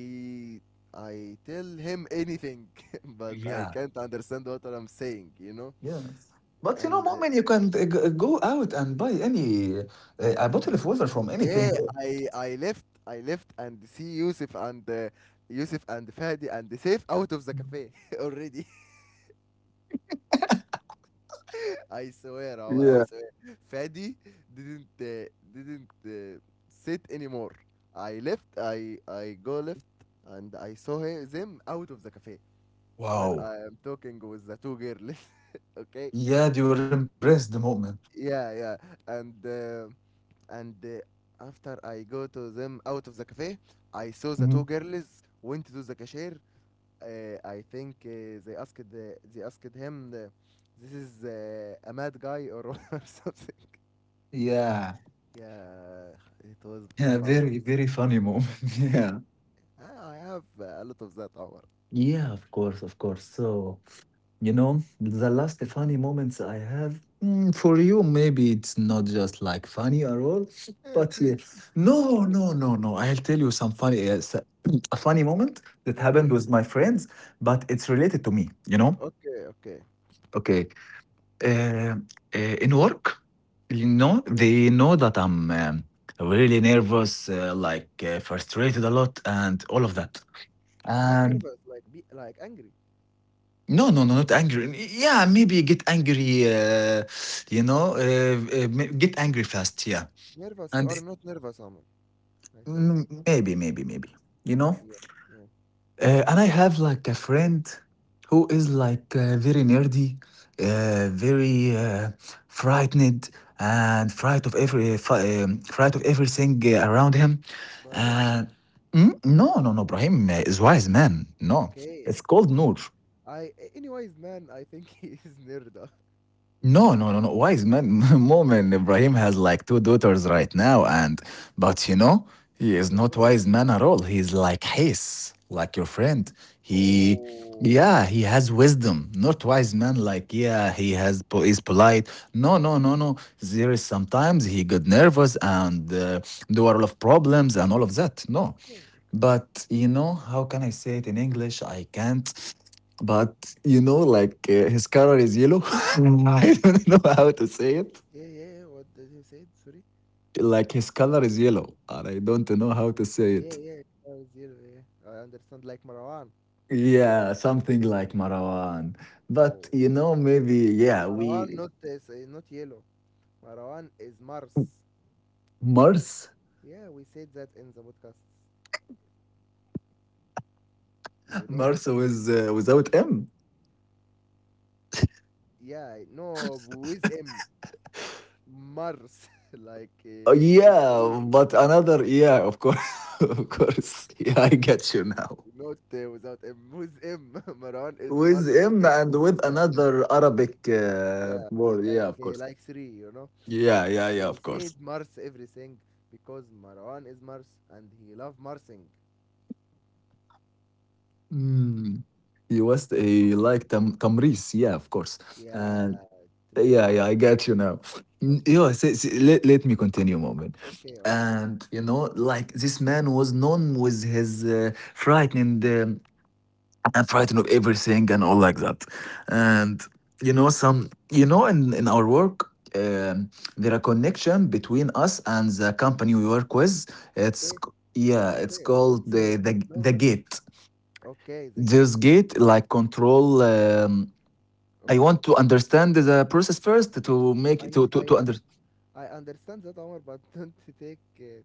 Speaker 1: I tell him anything, but I
Speaker 2: Yeah,
Speaker 1: can't understand what I'm saying. You know.
Speaker 2: yes. But you know,
Speaker 1: And uh,
Speaker 2: moment you can uh, g- go out and buy any uh, a bottle of water from
Speaker 1: yeah,
Speaker 2: anything.
Speaker 1: I I left. I left and see Yusuf and uh, Yusuf and Fadi and Saif out of the cafe already. I swear, Omar, I
Speaker 2: Yeah.
Speaker 1: swear. Fadi didn't uh, didn't uh, sit anymore. I left. I I go left, and I saw him, them out of the cafe when
Speaker 2: Wow.
Speaker 1: I am talking with the two girls. Okay.
Speaker 2: Yeah, you were impressed the moment.
Speaker 1: Yeah, yeah. And uh, and uh, after I go to them out of the cafe, I saw the
Speaker 2: Mhm.
Speaker 1: two girls went to the cashier. Uh, I think uh, they asked the, they asked him, uh, "This is uh, a mad guy or or something."
Speaker 2: Yeah.
Speaker 1: Yeah, it was
Speaker 2: Yeah,
Speaker 1: family.
Speaker 2: very, very funny moment. yeah.
Speaker 1: I I have uh, a lot of that hour.
Speaker 2: Yeah, of course, of course. So you know, the
Speaker 1: Mm.
Speaker 2: last funny moments I have, mm, for you, maybe it's not just like funny at all,
Speaker 1: Yeah,
Speaker 2: but
Speaker 1: it's
Speaker 2: yeah.
Speaker 1: it's
Speaker 2: No,
Speaker 1: no
Speaker 2: no,
Speaker 1: problem.
Speaker 2: no, no. I'll tell you some funny, uh, s- a funny moment that
Speaker 1: Okay,
Speaker 2: happened with my friends, but it's related to me, you know?
Speaker 1: okay, okay.
Speaker 2: Okay. Uh, uh, in work, you
Speaker 1: Mm.
Speaker 2: know, they know that I'm um, really nervous, uh, like uh, frustrated a lot, and all of that.
Speaker 1: Not
Speaker 2: And.
Speaker 1: nervous, like be like angry.
Speaker 2: No, no, no, not angry. Yeah, maybe get angry, uh, you know, uh, uh, ma- get angry fast. Yeah.
Speaker 1: Nervous, you
Speaker 2: And
Speaker 1: are not nervous, Amr. I think.
Speaker 2: mm, maybe, maybe, maybe, you know.
Speaker 1: Yeah, yeah.
Speaker 2: Uh, and I have like a friend who is like uh, very nerdy, uh, very uh, frightened and fright of every fi- um, fright of everything uh, around him.
Speaker 1: Ibrahim,
Speaker 2: And mm, no, no, no, Ibrahim uh, is wise man. No,
Speaker 1: okay.
Speaker 2: it's called Noor.
Speaker 1: I a- anyways, man, I think he is nerd. Uh.
Speaker 2: No, no, no, no. Wise man moment. Ibrahim has like two daughters right now, and but you know, he
Speaker 1: Okay,
Speaker 2: is
Speaker 1: no
Speaker 2: not
Speaker 1: problem.
Speaker 2: wise man at all. He's like his, like your friend. He,
Speaker 1: Oh,
Speaker 2: yeah, he has wisdom. Not wise man. Like yeah, he has po- is polite. No, no, no, no. There is sometimes he got nervous and uh, there were a lot of problems and all of that. No,
Speaker 1: okay, okay.
Speaker 2: but you know how can I say it in English? I can't. But you know, like uh, his color is yellow. I don't know how to say it.
Speaker 1: Yeah, yeah. Yeah, what did you say? Sorry.
Speaker 2: Like his color is yellow, and I don't know how to say
Speaker 1: Yeah,
Speaker 2: it.
Speaker 1: yeah. uh, Zero. Yeah, yeah. I understand. Like Marwan.
Speaker 2: Yeah, something like Marwan.
Speaker 1: Oh.
Speaker 2: But you know, maybe yeah,
Speaker 1: Marwan,
Speaker 2: we
Speaker 1: not is uh, not yellow. Marwan is Mars.
Speaker 2: Mars,
Speaker 1: Yeah, we said that in the podcasts. You know?
Speaker 2: Mars with uh, without M.
Speaker 1: Yeah, no, with M, Mars, like uh,
Speaker 2: Oh,
Speaker 1: with three,
Speaker 2: yeah, but another yeah, of course, of course. Yeah, I get you now.
Speaker 1: not uh, without M. With M, Marwan is
Speaker 2: With
Speaker 1: Mars.
Speaker 2: M
Speaker 1: And
Speaker 2: and with
Speaker 1: yeah,
Speaker 2: another Arabic uh,
Speaker 1: yeah,
Speaker 2: word.
Speaker 1: like
Speaker 2: Yeah, of
Speaker 1: uh,
Speaker 2: course.
Speaker 1: like three. You know,
Speaker 2: Yeah, yeah, yeah,
Speaker 1: we
Speaker 2: of
Speaker 1: said
Speaker 2: course.
Speaker 1: Mars everything because Marwan is Mars and he love Marsing.
Speaker 2: Mm. He was
Speaker 1: Okay.
Speaker 2: a like tam- Tamris. Yeah, of course.
Speaker 1: Yeah,
Speaker 2: And.
Speaker 1: Tamiris.
Speaker 2: Yeah, yeah, I get you now. N-
Speaker 1: Okay,
Speaker 2: Yeah, see, see, let, let me continue a moment.
Speaker 1: okay, Omar.
Speaker 2: And you know, like this man was known with his uh, frightening um, and frightened of everything and all like that. And you know, some you know, in in our work, um, there are connection between us and the company we work with. It's
Speaker 1: Okay.
Speaker 2: c- yeah, it's
Speaker 1: Okay, we don't
Speaker 2: called the
Speaker 1: say
Speaker 2: the
Speaker 1: no.
Speaker 2: the gate.
Speaker 1: Okay, the gate.
Speaker 2: This gate like control. Um, I
Speaker 1: Okay,
Speaker 2: want to understand the process first to make
Speaker 1: I
Speaker 2: to
Speaker 1: I
Speaker 2: to to
Speaker 1: I
Speaker 2: under.
Speaker 1: understand that, Omar, but don't take, uh,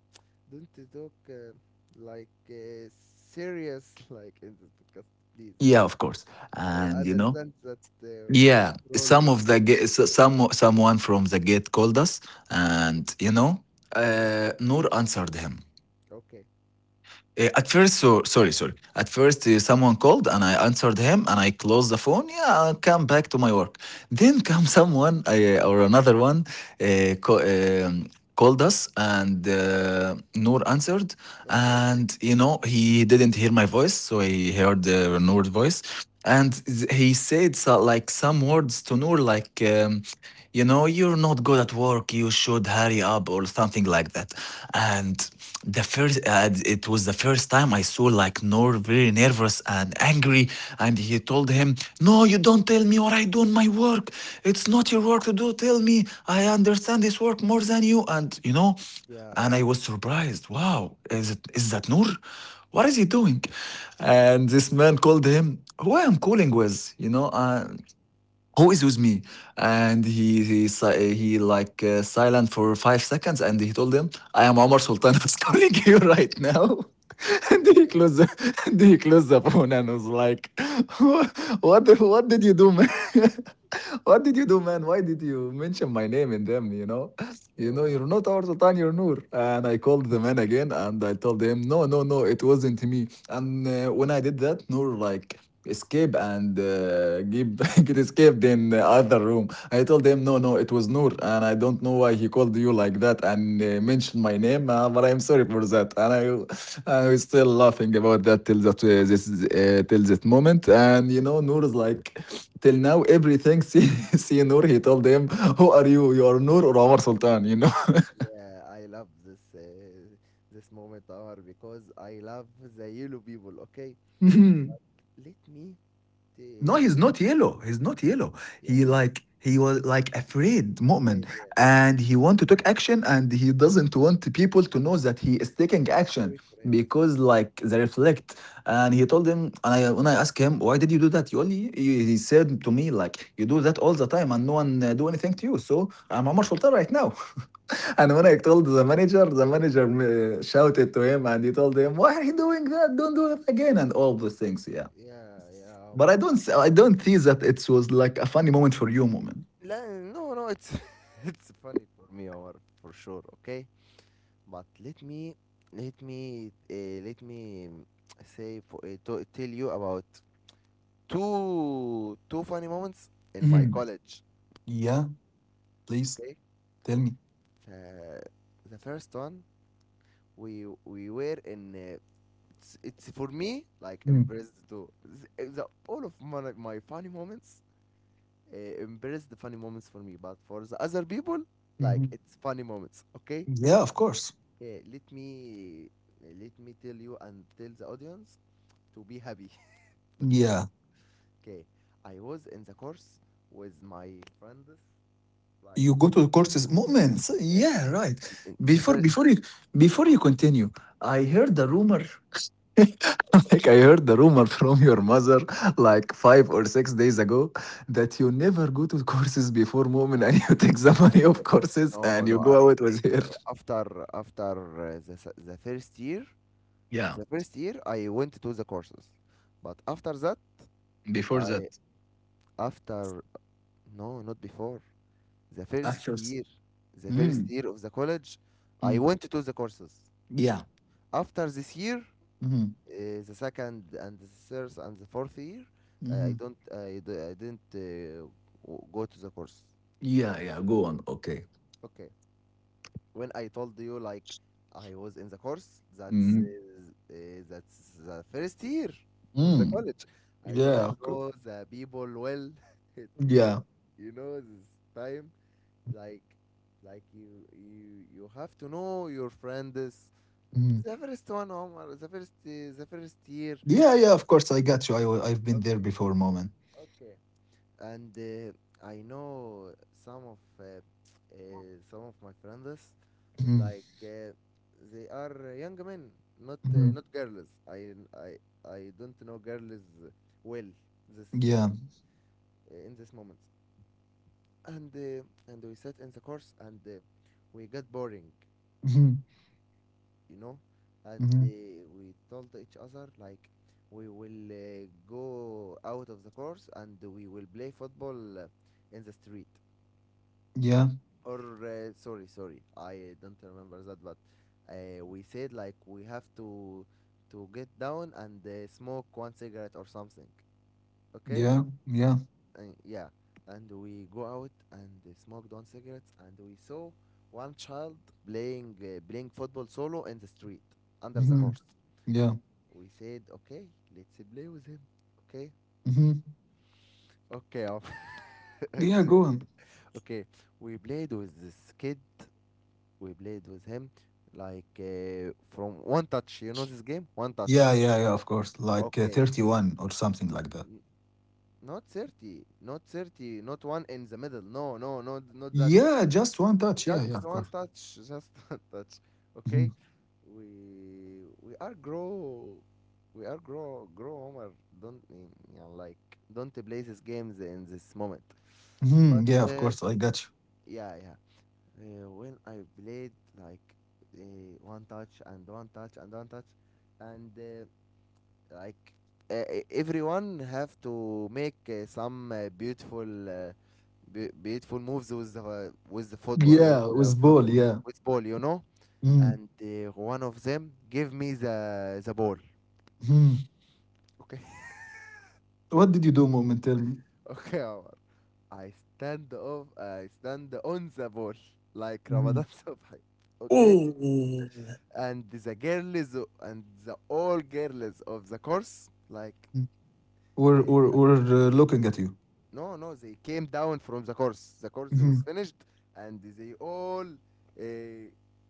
Speaker 1: don't talk uh, like uh, serious like in this podcast, please.
Speaker 2: Yeah, of course.
Speaker 1: I
Speaker 2: And you know,
Speaker 1: understand that uh, who
Speaker 2: yeah,
Speaker 1: controls
Speaker 2: some
Speaker 1: that
Speaker 2: of
Speaker 1: gate.
Speaker 2: the ge- so- some someone from the gate called us,
Speaker 1: Mm,
Speaker 2: and you know,
Speaker 1: mm.
Speaker 2: uh, Noor answered him.
Speaker 1: Okay,
Speaker 2: Uh, at first, so sorry, sorry. At first, uh, someone called and I answered him, and I closed the phone. Yeah, I come back to my work. Then come someone uh, or another one uh, co- um, called us, and uh, Noor answered,
Speaker 1: okay.
Speaker 2: and you know he didn't hear my voice, so he heard uh, Noor's voice, and th- he said so, like some words to Noor, like. Um, you know, you're not good at work, you should hurry up, or something like that. And the first uh, it was the first time I saw like Nor very nervous and angry, and he told him, "No, you don't tell me what I do in my work. It's not your work to do. Tell me, I understand this work more than you, and you know."
Speaker 1: Yeah,
Speaker 2: And I was surprised, wow, is it, is that Noor? What is he doing? And this man called him, who I'm calling with, you know, uh, who is with me? And he he si- he like uh, silent for five seconds, and he told him, "I am Omar Sultan who's calling you right now." and he
Speaker 1: yeah,
Speaker 2: closed the, and he closed the phone and was like, "What what did you do, man? what did you do, man? Why did you mention my name in them? You know, you know,
Speaker 1: yo,
Speaker 2: you're not our Sultan, you're Nur." And I called the man again, and I told him, "No, no, no, it wasn't me." And uh, when I did that, Nur like escape and uh, get, get escaped in the other room. I told him, no, no, it was Noor, and I don't know why he called you like that and uh, mentioned my name, uh, but I'm sorry for that. And I, I was still laughing about that till that uh, this uh, till that moment.
Speaker 1: yeah,
Speaker 2: And you know, Noor is like, till now everything. See, see Noor, he told him, who are you? You are Noor or Omar Sultan? You
Speaker 1: yeah. I love this uh, this moment, Omar, because I love the yellow people. Okay,
Speaker 2: know.
Speaker 1: let me,
Speaker 2: No,
Speaker 1: t-
Speaker 2: he's
Speaker 1: let
Speaker 2: not yellow. He's not yellow.
Speaker 1: yeah,
Speaker 2: He
Speaker 1: yeah.
Speaker 2: like he was like afraid, Mu'min,
Speaker 1: Afraid, yeah.
Speaker 2: and he want to take action, and he doesn't want people to know that he is
Speaker 1: Yeah,
Speaker 2: taking action
Speaker 1: sorry for him.
Speaker 2: because like they reflect. And he told him, and I when I asked him why did you do that, you only he he said to me like you do that all the time, and no one uh, do anything to you. So I'm Omar Sultan right now. And when I told the manager, the manager uh, shouted to him, and he told him, why are you doing that? Don't do it again, and all those things. Yeah.
Speaker 1: Yeah, yeah,
Speaker 2: But
Speaker 1: Omar.
Speaker 2: I don't s- I don't think that it was like a funny moment for you moment.
Speaker 1: La, no, no, it's it's funny for me, Omar, for sure. Okay, but let me let me uh, let me say for uh, to, tell you about two two funny moments in my
Speaker 2: Mhm.
Speaker 1: college.
Speaker 2: Yeah, please
Speaker 1: Okay,
Speaker 2: tell me.
Speaker 1: the, the first one we we were in. Uh, it's, it's for me like
Speaker 2: Mm,
Speaker 1: embraced too. The, the all of my my funny moments uh, embrace the funny moments for me, but for the other people, like
Speaker 2: mhm.
Speaker 1: it's funny moments. Okay,
Speaker 2: Yeah, of course.
Speaker 1: yeah. Let me yeah, let me tell you and tell the audience to be happy. Okay,
Speaker 2: Yeah,
Speaker 1: okay. I was in the course with my friends, like
Speaker 2: you go to the courses moments.
Speaker 1: yeah,
Speaker 2: Yeah, right.
Speaker 1: in, in the
Speaker 2: Before
Speaker 1: first.
Speaker 2: before you before you continue, I heard the rumor. like I heard the rumor from your mother like five or six days ago that you never go to courses before moment, and you take the money of courses and
Speaker 1: No,
Speaker 2: you
Speaker 1: no. I
Speaker 2: go out with her.
Speaker 1: after after uh, the s- the first year,
Speaker 2: Yeah,
Speaker 1: the first year I went to the courses, but after that
Speaker 2: before that.
Speaker 1: I after no not before the first
Speaker 2: After.
Speaker 1: year, the first year of the college, I
Speaker 2: Mm.
Speaker 1: went to the courses.
Speaker 2: Yeah.
Speaker 1: After this year,
Speaker 2: Mhm.
Speaker 1: uh, the second and the third and the fourth year, uh, I
Speaker 2: Mhm.
Speaker 1: don't, I, d- I didn't uh, w- go to the course.
Speaker 2: Yeah, yeah. Go on. Okay.
Speaker 1: Okay. When I told you like I was in the course, that's
Speaker 2: Mm.
Speaker 1: uh, uh, that's the first year of the
Speaker 2: Mm.
Speaker 1: college. I don't
Speaker 2: Yeah. Okay.
Speaker 1: know the people well. It will,
Speaker 2: Yeah.
Speaker 1: you know, this time like like you you you have to know your friends
Speaker 2: Mm.
Speaker 1: the first one Omar the first uh, the first year
Speaker 2: Yeah, yeah. Of course, I got you. I, wa- I've been there
Speaker 1: okay
Speaker 2: before, moment.
Speaker 1: okay and uh, I know some of uh, uh, some of my friends
Speaker 2: Mm.
Speaker 1: like uh, they are young men not
Speaker 2: Hmm.
Speaker 1: uh, not girls I I I don't know girls well this uh,
Speaker 2: Yeah.
Speaker 1: in this moment and uh, and we sat in the course and uh, we got boring
Speaker 2: Hmm.
Speaker 1: you know and uh,
Speaker 2: Hmm.
Speaker 1: we told each other like we will uh, go out of the course and we will play football uh, in the street
Speaker 2: Yeah.
Speaker 1: or uh, sorry sorry I don't remember that but uh, we said like we have to to get down and uh, smoke one cigarette or something okay
Speaker 2: Yeah. Yeah.
Speaker 1: and yeah and we go out and uh, smoked one cigarettes and we saw one child playing uh, playing football solo in the street under the
Speaker 2: Hmm.
Speaker 1: course.
Speaker 2: Yeah.
Speaker 1: We said, okay, let's play with him. Okay,
Speaker 2: Hmm.
Speaker 1: okay, عم.
Speaker 2: Yeah. Go on.
Speaker 1: Okay. We played with this kid. We played with him, like uh, from one touch. You know this game, one
Speaker 2: Yeah.
Speaker 1: touch.
Speaker 2: Yeah. Yeah. Of course, like uh,
Speaker 1: Okay,
Speaker 2: thirty-one or something like that.
Speaker 1: N- not thirty, not thirty, not one in the middle. No, no, no, not that.
Speaker 2: Yeah. Just one touch. Yeah.
Speaker 1: Just
Speaker 2: Yeah. Of
Speaker 1: one
Speaker 2: course.
Speaker 1: touch, just one touch.
Speaker 2: hmm
Speaker 1: Okay, we we are grow, we are grow grow Omar. Don't eh, yeah, like don't play these games in this moment. But
Speaker 2: hmm Yeah. Of
Speaker 1: uh,
Speaker 2: course, I got you.
Speaker 1: yeah, yeah. Uh, when I played like uh, one touch and one touch and one touch, and uh, like uh, e- everyone have to make uh, some uh, beautiful uh, be- beautiful moves with the uh, with the football with
Speaker 2: Yeah.
Speaker 1: the
Speaker 2: With
Speaker 1: football
Speaker 2: ball. Yeah.
Speaker 1: with ball you know
Speaker 2: Mm-hmm.
Speaker 1: and uh, one of them give me the the ball
Speaker 2: Mm-hmm.
Speaker 1: okay
Speaker 2: What did you do, Moment? Tell me.
Speaker 1: okay Omar. I stand off I stand on the ball like
Speaker 2: Mhm.
Speaker 1: Ramadan Subhi okay
Speaker 2: Mm.
Speaker 1: and the girls and the all girls of the course like
Speaker 2: Mm. We're we're
Speaker 1: uh,
Speaker 2: we're uh, looking at you.
Speaker 1: no, no, they came down from the course. The course
Speaker 2: hmm
Speaker 1: was finished, and they all uh,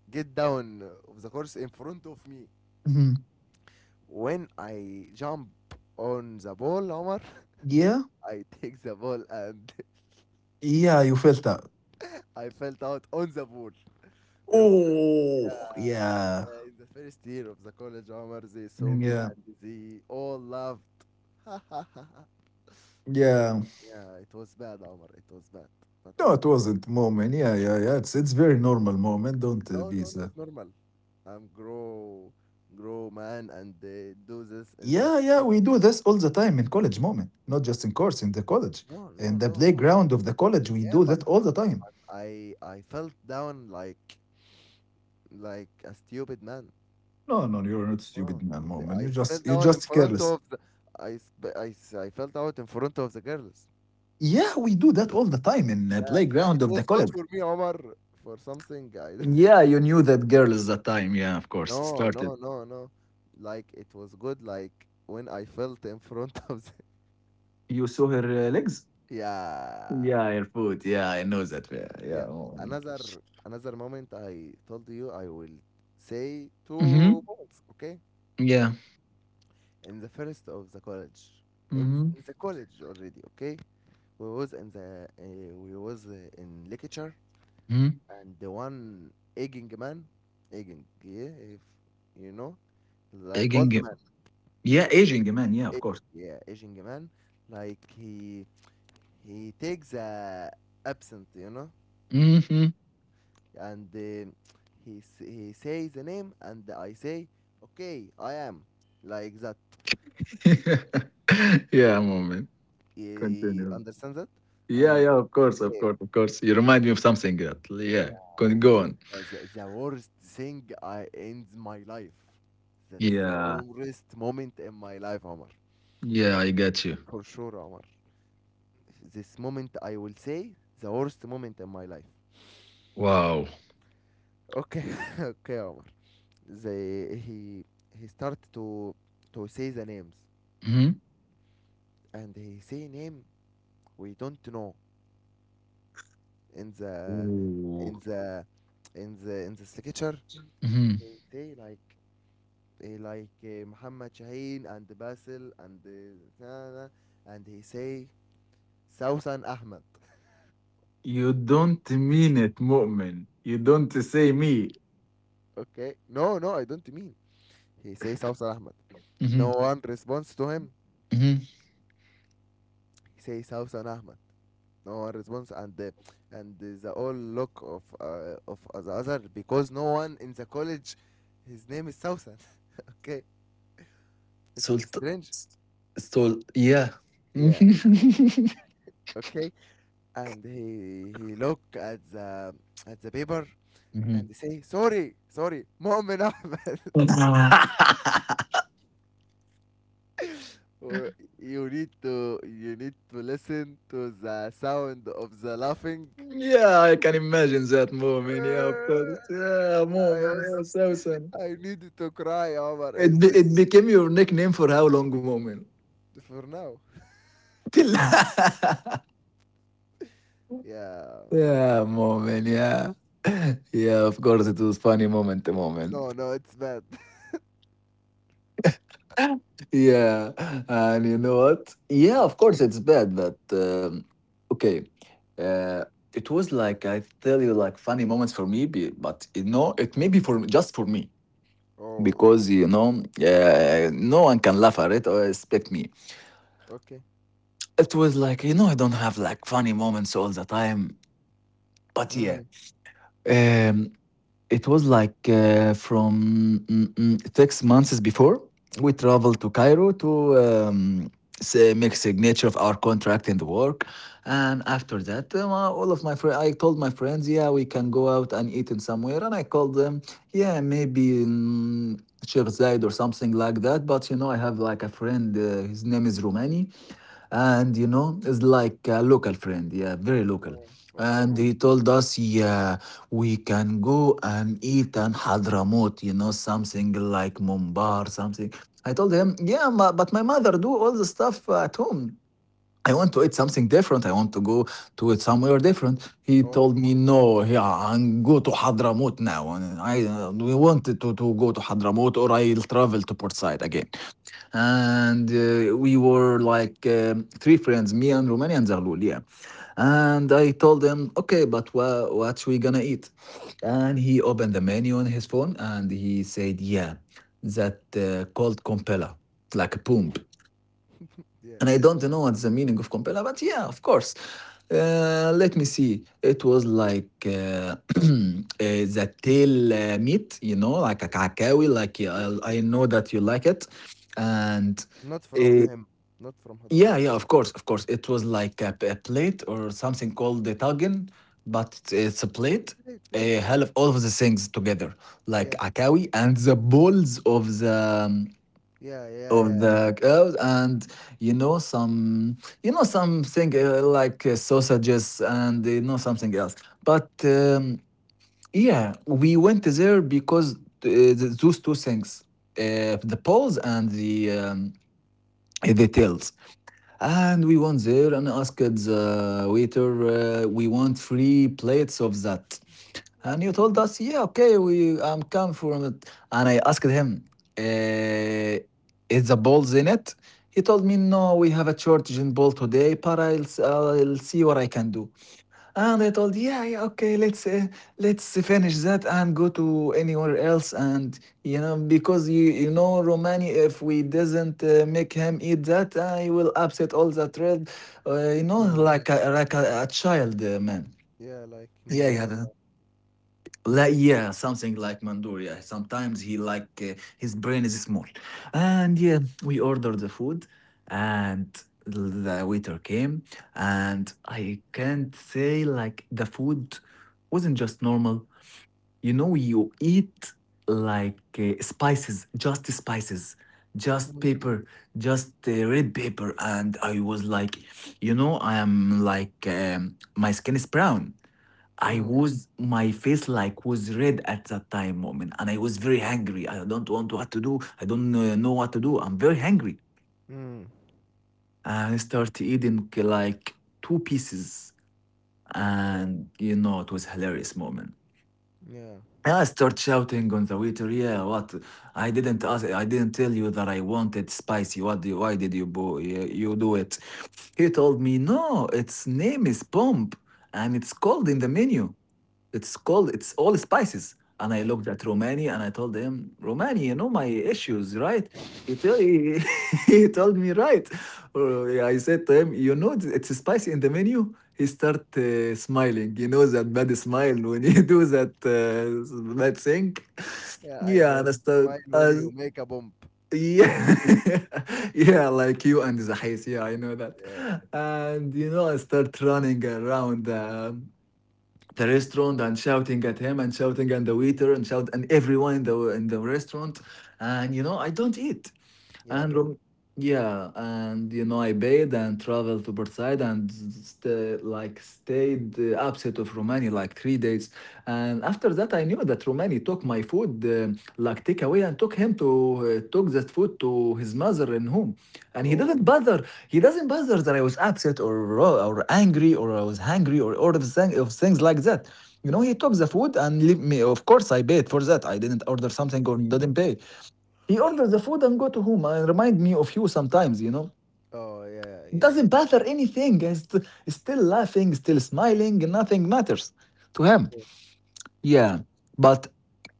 Speaker 1: get down of the course in front of me.
Speaker 2: hmm
Speaker 1: When I jump on the ball, Omar,
Speaker 2: Yeah,
Speaker 1: I take the ball and
Speaker 2: yeah, you felt that.
Speaker 1: I fell out on the ball. In, yeah,
Speaker 2: Oh. Yeah,
Speaker 1: uh, in the first year of the college, Omar, they saw me
Speaker 2: yeah,
Speaker 1: and they all laughed.
Speaker 2: yeah.
Speaker 1: Yeah, it was bad, Omar. It was bad, but I
Speaker 2: No, it
Speaker 1: think
Speaker 2: wasn't moment. Yeah, yeah, yeah. It's it's very normal moment. Don't uh,
Speaker 1: no,
Speaker 2: be
Speaker 1: no, not
Speaker 2: so.
Speaker 1: normal. I'm grow grow man and uh, do this in the
Speaker 2: Yeah, yeah.
Speaker 1: street.
Speaker 2: We do this all the time in college moment, not just in course in the college,
Speaker 1: No, no,
Speaker 2: in the
Speaker 1: no, Omar.
Speaker 2: playground of the college. We
Speaker 1: Yeah,
Speaker 2: do
Speaker 1: but
Speaker 2: that all the time.
Speaker 1: I I felt down like like a stupid man.
Speaker 2: No, no, you're not
Speaker 1: No,
Speaker 2: stupid man
Speaker 1: the-
Speaker 2: moment.
Speaker 1: I
Speaker 2: You
Speaker 1: s- fell
Speaker 2: just you're
Speaker 1: down in
Speaker 2: just
Speaker 1: front
Speaker 2: careless.
Speaker 1: of the I sp- I s- I felt out in front of the girls.
Speaker 2: Yeah, we do that all the time in the
Speaker 1: Yeah,
Speaker 2: playground
Speaker 1: it
Speaker 2: of the
Speaker 1: was good
Speaker 2: college.
Speaker 1: for me, Omar, for something. I
Speaker 2: Yeah, you knew that girl is that time. Yeah, of course. It
Speaker 1: no,
Speaker 2: started.
Speaker 1: no, no, no. Like it was good. Like when I felt in front of the
Speaker 2: You saw her uh, legs?
Speaker 1: yeah.
Speaker 2: Yeah, her foot. Yeah, I know that. Yeah, yeah.
Speaker 1: Yeah.
Speaker 2: Oh,
Speaker 1: Another another moment I told you I will say two
Speaker 2: mm-hmm.
Speaker 1: moments, okay?
Speaker 2: Yeah.
Speaker 1: In the first of the college. In, th-
Speaker 2: Mm-hmm.
Speaker 1: in the college already, okay? We was in the uh, we was uh, in lecture
Speaker 2: Mm-hmm.
Speaker 1: and the one aging man, aging, yeah, if you know, like
Speaker 2: Aging.
Speaker 1: old
Speaker 2: uh,
Speaker 1: man,
Speaker 2: Yeah, aging, man. Yeah, of
Speaker 1: a-
Speaker 2: course.
Speaker 1: yeah, aging man, like he he takes a absent, you know,
Speaker 2: Mm-hmm.
Speaker 1: and uh, he s- he says the name and I say okay I am like that,
Speaker 2: yeah, moment.
Speaker 1: you
Speaker 2: Continue.
Speaker 1: understand that.
Speaker 2: Yeah,
Speaker 1: And
Speaker 2: yeah, of course, of
Speaker 1: okay,
Speaker 2: course, of course. You remind me of something. that- Yeah, Con-
Speaker 1: yeah,
Speaker 2: go on.
Speaker 1: that's the, the worst thing I ends my life. That's the
Speaker 2: Yeah,
Speaker 1: worst moment in my life, Omar.
Speaker 2: yeah, I got you.
Speaker 1: For sure, Omar, this moment I will say the worst moment in my life.
Speaker 2: Wow.
Speaker 1: Okay. okay, Omar. The he he start to to say the names
Speaker 2: Mm-hmm.
Speaker 1: and he say name we don't know in the in
Speaker 2: Ooh.
Speaker 1: the in the in the signature.
Speaker 2: Mhm.
Speaker 1: He say like eh, like eh, Muhammad Shaheen and Basil and eh, na- na- and he say Sausan Ahmed.
Speaker 2: You don't mean it, Mu'min. You don't say me.
Speaker 1: Okay, no, no, I don't mean. He say Sausan Ahmed. No
Speaker 2: Mhm.
Speaker 1: one responds to him.
Speaker 2: Mhm.
Speaker 1: He say Sausan Ahmed. No one responds, and the and the the all look of uh, of the other because no one in the college, his name is Sausan. okay, it was
Speaker 2: Sult.
Speaker 1: strange.
Speaker 2: Sult. Yeah.
Speaker 1: Yeah. Okay. And he he look at the at the paper and
Speaker 2: Mhm.
Speaker 1: say sorry sorry مؤمن أحمد. و- you need to you need to listen to the sound of the laughing.
Speaker 2: Yeah, I can imagine that, Mu'min. Yeah, of course. Yeah,
Speaker 1: I
Speaker 2: Mu'min.
Speaker 1: was,
Speaker 2: Yeah, Sousan.
Speaker 1: I needed to cry, Omar,
Speaker 2: It,
Speaker 1: is
Speaker 2: be,
Speaker 1: it.
Speaker 2: it became your nickname for how long, Mu'min?
Speaker 1: for now,
Speaker 2: Till.
Speaker 1: yeah.
Speaker 2: yeah, Mu'min. Yeah. Yeah, of course, it was funny moment, Mu'min.
Speaker 1: No, no, it's bad.
Speaker 2: yeah, and you know what? Yeah,
Speaker 1: what?
Speaker 2: of course it's bad, but um, okay. Uh, it was like I tell you, like funny moments for me, be- but you know, it may be for just for me
Speaker 1: Oh,
Speaker 2: because you know, uh, no one can laugh at it or expect me.
Speaker 1: okay.
Speaker 2: It was like you know, I don't have like funny moments all the time, but yeah,
Speaker 1: Mm.
Speaker 2: um, it was like uh, from mm, mm, six months before. We traveled to Cairo to um, say, make signature of our contract and work. And after that, um, uh, all of my friends, I told my friends, yeah, we can go out and eat in somewhere. And I called them, yeah, maybe in Sheikh Zayed or something like that. But you know, I have like a friend, uh, his name is Romani, and you know, it's like a local friend, yeah, very local.
Speaker 1: Oh.
Speaker 2: And
Speaker 1: Oh.
Speaker 2: he told us, yeah, we can go and eat and Hadramaut, you know, something like Mumbar, something. I told him, yeah, ma- but my mother do all the stuff uh, at home. I want to eat something different. I want to go to it somewhere different. He
Speaker 1: Oh,
Speaker 2: told me, no, yeah, I'm go to Hadramut now. And I uh, we wanted to, to go to Hadramut, or I'll travel to Port Said again and uh, we were
Speaker 1: okay.
Speaker 2: like um, three friends, me and Romanian Zahlul, yeah. And I told him, okay, but wha- what we gonna eat? And he opened the menu on his phone and he said, yeah, that uh, called compella, like a boom.
Speaker 1: Yeah.
Speaker 2: And I don't know what's the meaning of Compella, but yeah, of course. Uh, let me see. It was like uh, uh, the tail uh, meat, you know, like a kakawi. Like
Speaker 1: Okay.
Speaker 2: yeah, I,
Speaker 1: Okay.
Speaker 2: I know that you like it, and
Speaker 1: Not from
Speaker 2: uh,
Speaker 1: him. Not from
Speaker 2: yeah,
Speaker 1: Hadramaut.
Speaker 2: yeah, of course, of course. It was like a a plate or something called the tagin, but it's, it's a plate.
Speaker 1: Great, great.
Speaker 2: A hell of all of the things together, like
Speaker 1: Yeah.
Speaker 2: akawi and the balls of the um,
Speaker 1: Yeah, yeah,
Speaker 2: of
Speaker 1: yeah.
Speaker 2: the cows and you know some you know something uh, like uh, sausages and you know something else but um, yeah we went there because uh, th- those two things uh, the paws and the um, the tails and we went there and asked the waiter, uh, we want three plates of that. And you
Speaker 1: Okay.
Speaker 2: told us, yeah, okay, we I'm come from it. And I asked him, uh, is the balls in it? He told me, no, we have a shortage in ball today, but I'll, s- I'll see what I can do. And I told, yeah, yeah, okay, let's uh, let's finish that and go to anywhere else. And you know, because you you know, Romani, if we doesn't uh, make him eat that, uh, he will upset all the thread. Uh, you know,
Speaker 1: Mm.
Speaker 2: like a, like a, a child, uh, man.
Speaker 1: Yeah, like
Speaker 2: Yeah,
Speaker 1: Mandora.
Speaker 2: yeah. Like, yeah, something like Mandoria. Sometimes he like uh, his brain is small, and yeah, we ordered the food, and the waiter came, and I can't say like the food wasn't just normal. You know, you eat like uh, spices, just spices, just
Speaker 1: Mm.
Speaker 2: pepper, just uh, red pepper. And I was like, you know, I am like, um, my skin is brown. I
Speaker 1: Mm.
Speaker 2: was, my face like was red at that time moment. And I was very hungry. I don't want what to do. I don't uh, know what to do. I'm very hungry.
Speaker 1: Mm.
Speaker 2: And I started eating like two pieces.
Speaker 1: Oh.
Speaker 2: And, you know, it was hilarious moment.
Speaker 1: Yeah.
Speaker 2: I start shouting on the waiter, yeah, what? I didn't ask, I didn't tell you that I wanted spicy. What do you, why did you, bo- you you do it? He told me, no, its name is Pomp and it's called in the menu. It's called it's all spices. And I looked at Romani and I told him, Romani, you know my issues, right? He, tell, he, he told me, right. Or I said to him, you know, it's spicy in the menu. He start uh, smiling. You know that bad smile when you do that uh, bad thing.
Speaker 1: Yeah, I
Speaker 2: Yeah,
Speaker 1: know.
Speaker 2: and I
Speaker 1: The
Speaker 2: start,
Speaker 1: smile when
Speaker 2: uh,
Speaker 1: you make a bump.
Speaker 2: yeah, yeah, like you and the Zahis. Yeah, I know that.
Speaker 1: Yeah.
Speaker 2: And you know, I start running around. Uh, the restaurant and shouting at him and shouting at the waiter and shout and everyone in the in the restaurant and you know I don't eat
Speaker 1: Yeah.
Speaker 2: and Rom- yeah, and you know, I paid and traveled to Bursaid and st- like stayed uh, upset of Romania like three days. And after that, I knew that Romani took my food uh, like take away and took him to uh, took that food to his mother in home. And he
Speaker 1: Oh.
Speaker 2: didn't bother. He doesn't bother that I was upset or ro- or angry or I was hungry or all of, thing- of things like that. You know, he took the food and leave me. Of course, I paid for that. I didn't order something or didn't pay. He orders the food and go to home and remind me of you sometimes, you know.
Speaker 1: Oh, yeah, yeah.
Speaker 2: Doesn't bother anything. He's st- still laughing, still smiling. Nothing matters to him.
Speaker 1: Cool.
Speaker 2: Yeah, but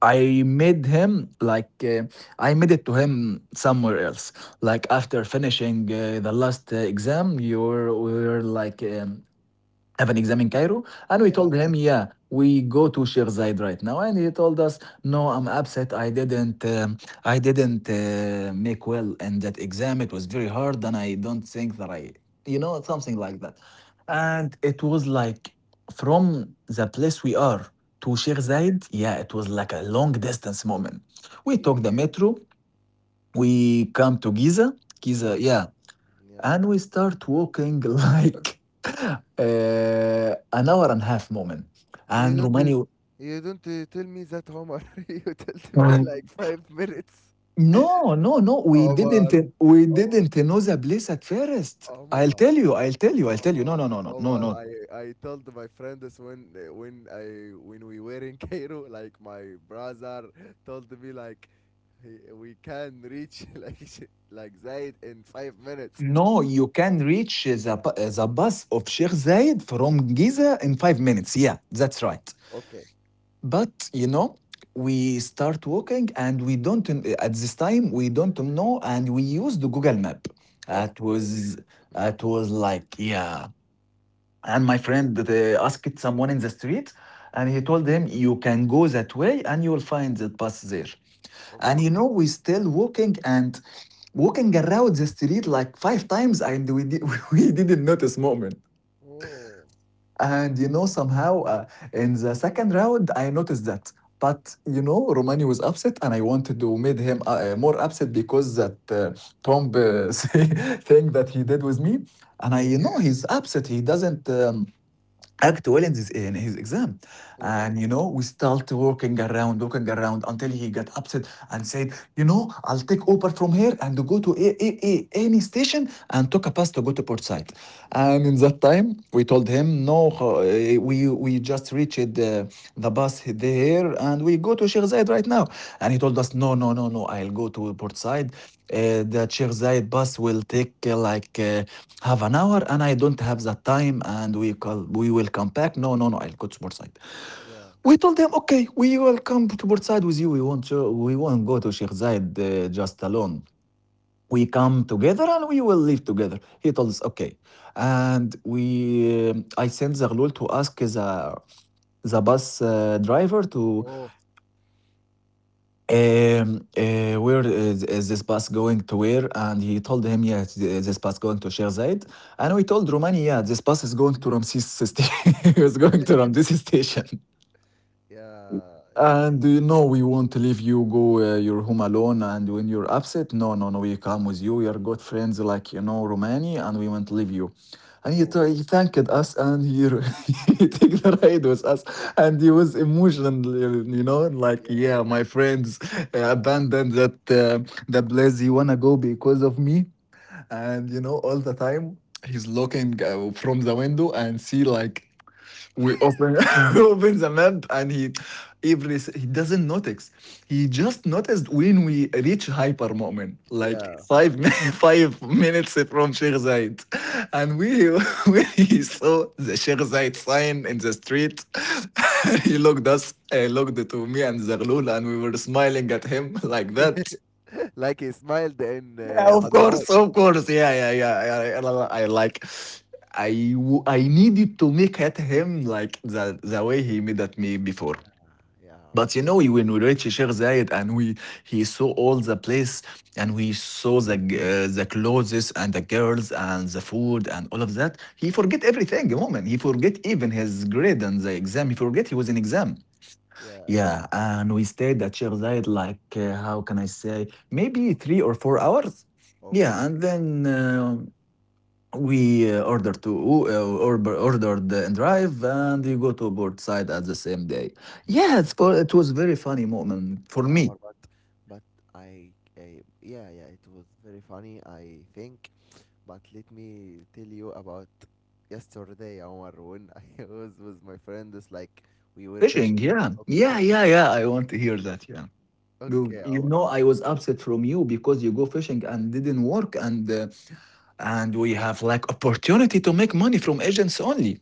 Speaker 2: I made him like uh, I made it to him somewhere else. Like after finishing uh, the last uh, exam, you were, we were like um, have an exam in Cairo. And we
Speaker 1: Yeah,
Speaker 2: told him, yeah, we go to Sheikh Zayed right now. And he told us, no, I'm upset. I didn't, um, I didn't uh, make well in that exam. It was very hard. And I don't think that I, you know, something like that.
Speaker 1: yeah,
Speaker 2: And it was like from the place we are to Sheikh
Speaker 1: yeah,
Speaker 2: Zayed, yeah, it was like a long distance moment. We
Speaker 1: yeah.
Speaker 2: took the metro. We come to Giza.
Speaker 1: Mm.
Speaker 2: Giza, yeah,
Speaker 1: Yeah.
Speaker 2: and we start walking like uh, an hour and a half moment
Speaker 1: They
Speaker 2: and
Speaker 1: don't. uh,
Speaker 2: romani
Speaker 1: You don't uh, tell me that, Omar. you tell me like five minutes.
Speaker 2: no no no we didn't
Speaker 1: Omar.
Speaker 2: we
Speaker 1: Oh,
Speaker 2: didn't know the place at first i'll
Speaker 1: Omar.
Speaker 2: tell you i'll tell you I'll
Speaker 1: Omar,
Speaker 2: tell you no no no no no
Speaker 1: Omar,
Speaker 2: no
Speaker 1: I I told my friends when when I when we were in Cairo, like my brother told me like he, we can reach like sh- like Zaid in five minutes.
Speaker 2: no you can reach the, bu- the bus of sheikh zayed from giza in five minutes yeah that's right.
Speaker 1: Okay.
Speaker 2: But you know, we start walking and we don't, at this time, we don't know. And we use the Google Map. It
Speaker 1: Okay.
Speaker 2: was, it was like, yeah. And my friend uh, asked someone in the street and he told him, you can go that way and you will find that bus there. And
Speaker 1: Okay.
Speaker 2: you know, we still walking and walking around the street like five times and we, di- we didn't notice moment.
Speaker 1: Oh.
Speaker 2: And you know, somehow uh, in the second round, I noticed that. But you know, Romani was upset, and I wanted to make him uh, uh, more upset because that uh, Trump uh, thing that he did with me. And I,
Speaker 1: Yeah.
Speaker 2: you know, he's upset. He doesn't um, act well in his exam,
Speaker 1: Oh.
Speaker 2: and you know, we start walking around walking around until he got upset and said, you know, I'll take Uber from here and go to a, a, a, any station and took a bus to go to port side
Speaker 1: Yeah.
Speaker 2: and in that time we told him no, uh, we we just reached uh, the bus there and we go to Sheikh Zayed right now. And he told us, no, no, no, no, I'll go to port side uh, The Sheikh Zayed bus will take, uh, like uh, have an hour, and I don't have that time, and we call, we will come back. No, no, no, I'll go to Portside.
Speaker 1: Yeah.
Speaker 2: We told them, okay, we will come to Portside with you. We won't uh, we won't go to Sheikh Zayed uh, just alone. We come together and we will live together. He told us, okay. And we um, I sent Zaghlul to ask the the bus uh, driver to,
Speaker 1: Oh.
Speaker 2: Um, uh, where is, is this bus going to, where? And he told him, yeah, it's, uh, this bus going to Sheikh Zayed. And we told Romani, yeah, this bus is going to Ramses station. It was going to Ramses station.
Speaker 1: Yeah. Yeah.
Speaker 2: And you know, we won't leave you go, uh, you home alone, and when you're upset, no, no, no, we come with you, we are good friends, like, you know, Romani, and we won't leave you. And he, t-
Speaker 1: Oh.
Speaker 2: he thanked us, and he, r- he took the ride with us. And he was emotional, you know, like,
Speaker 1: Yeah.
Speaker 2: yeah, my friends uh,
Speaker 1: Yeah.
Speaker 2: abandoned that, uh, the place he wanna go because of me. And you know, all the time he's looking, uh, from the window and see, like, we open we open the map, and he, every s- he doesn't notice. He just noticed when we reach hyper moment, like
Speaker 1: Yeah.
Speaker 2: five min- five minutes from Sheikh Zayed. And we when he saw the Sheikh Zayed sign in the street, he looked us, uh, looked to me and Zaghloul, and we were smiling at him like that.
Speaker 1: Like he smiled in
Speaker 2: Yeah,
Speaker 1: uh,
Speaker 2: of
Speaker 1: Hadramaut.
Speaker 2: course, of course. Yeah, yeah, yeah. Yeah. I, I, I like. I w- I needed to make at him like the the way he made at me before.
Speaker 1: Yeah. Yeah, man.
Speaker 2: But you know, when we reached Sheikh Zayed and we he saw all the place, and we saw the g- uh, the clothes and the girls and the food and all of that, he forget everything. Moment, he forget even his grade and the exam. He forget he was in exam.
Speaker 1: Yeah.
Speaker 2: Yeah, and we stayed at Sheikh Zayed like, uh, how can I say, maybe three or four hours.
Speaker 1: Okay.
Speaker 2: Yeah, and then um, we uh, ordered to oo- uh, orb- ordered the and drive, and you go to board side at the same day. Yeah, it's for, it was very funny moment for
Speaker 1: Yeah,
Speaker 2: me.
Speaker 1: Omar, but but I, I yeah, yeah, it was very funny, I think. But let me tell you about yesterday, Omar, when I was with my friends, like we were fishing.
Speaker 2: Fishing, yeah,
Speaker 1: Okay.
Speaker 2: yeah, yeah, yeah. I want to hear that. Yeah, you,
Speaker 1: okay,
Speaker 2: you
Speaker 1: Omar.
Speaker 2: know, I was upset from you because you go fishing and didn't work, and uh, and we have, like, opportunity to make money from agents only.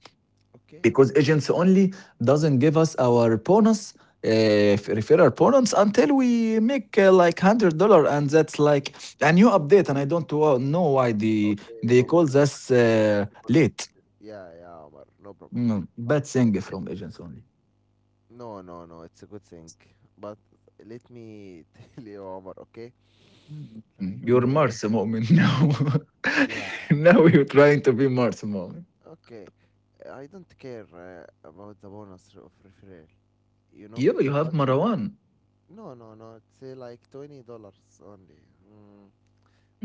Speaker 1: Okay,
Speaker 2: Because
Speaker 1: Omar.
Speaker 2: agents only doesn't give us our bonus, uh, f- referral bonus, until we make, uh, like, hundred dollar, and that's like a new update, and I don't wa- know why the
Speaker 1: Okay,
Speaker 2: they
Speaker 1: no
Speaker 2: call
Speaker 1: problem.
Speaker 2: us uh,
Speaker 1: Simple, uh,
Speaker 2: late.
Speaker 1: yeah, yeah, Omar, no problem.
Speaker 2: Mm,
Speaker 1: but
Speaker 2: bad
Speaker 1: uh,
Speaker 2: thing from agents only.
Speaker 1: no, no, no, it's a good thing. But let me tell you, Omar. Okay,
Speaker 2: Mm, you're
Speaker 1: like uh,
Speaker 2: Mars moment now.
Speaker 1: yeah.
Speaker 2: Now you're trying to be Mars moment.
Speaker 1: Okay, I don't care uh, about the bonus of referral, you know.
Speaker 2: You you have
Speaker 1: But
Speaker 2: Marwan.
Speaker 1: no, no, no, it's uh, like twenty dollars only. Mm.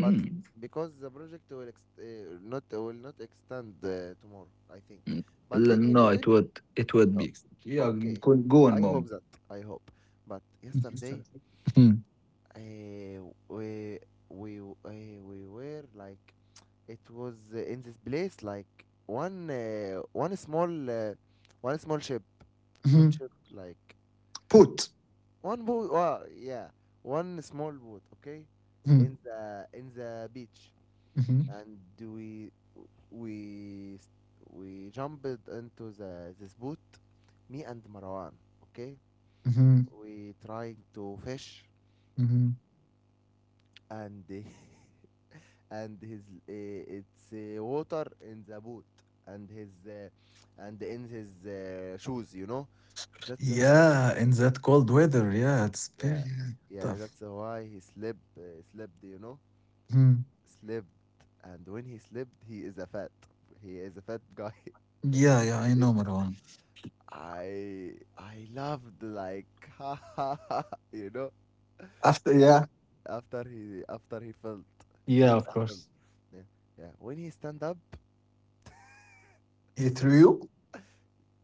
Speaker 1: But because the project will ex- uh, not will not extend uh, tomorrow, I think.
Speaker 2: mm.
Speaker 1: But
Speaker 2: L-
Speaker 1: let me
Speaker 2: no, it
Speaker 1: continue.
Speaker 2: would it would
Speaker 1: Oh,
Speaker 2: be... yeah,
Speaker 1: okay,
Speaker 2: go go on,
Speaker 1: I hope
Speaker 2: mom.
Speaker 1: that. I hope. But yesterday, uh, we we uh, we were like, it was uh, in this place like one uh, one small uh, one small ship. Not
Speaker 2: Mm.
Speaker 1: ship, like
Speaker 2: Put.
Speaker 1: one boat. Well, yeah, one small boat. Okay,
Speaker 2: Mhm,
Speaker 1: in the in the beach,
Speaker 2: mhm,
Speaker 1: and we we s- we jumped into the this boat. Me and Marwan. Okay,
Speaker 2: mhm,
Speaker 1: we trying to fish,
Speaker 2: mhm.
Speaker 1: and and his uh, it's uh, water in the boat, and his uh, and in his uh, shoes, you know, that's uh,
Speaker 2: Yeah, in that cold weather. Yeah, it's
Speaker 1: yeah,
Speaker 2: very
Speaker 1: yeah,
Speaker 2: tough.
Speaker 1: that's why he slept uh, slept, you know,
Speaker 2: Mhm.
Speaker 1: slept. And when he slept, he is a fat he is a fat guy. when
Speaker 2: Yeah,
Speaker 1: he
Speaker 2: yeah, I
Speaker 1: slept,
Speaker 2: know, Marwan.
Speaker 1: i I loved like ha ha ha, you know.
Speaker 2: After, yeah.
Speaker 1: After he, after he felt,
Speaker 2: Yeah, of
Speaker 1: after he felt,
Speaker 2: course.
Speaker 1: yeah, yeah, when he stand up.
Speaker 2: He threw you?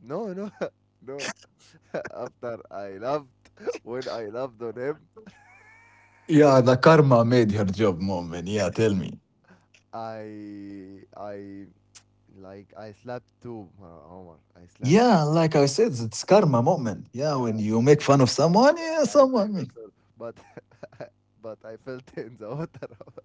Speaker 1: No, no, no. after I loved, when I loved on him.
Speaker 2: Yeah, the karma made her job, moment. Yeah, tell me.
Speaker 1: I I Like I slept too, Omar. Omar, I slept too.
Speaker 2: Yeah, like I said, it's karma moment. Yeah, when
Speaker 1: Yeah.
Speaker 2: you make fun of someone,
Speaker 1: Yeah,
Speaker 2: yeah,
Speaker 1: I
Speaker 2: someone
Speaker 1: prefer
Speaker 2: makes.
Speaker 1: Thor, but but I felt in the water.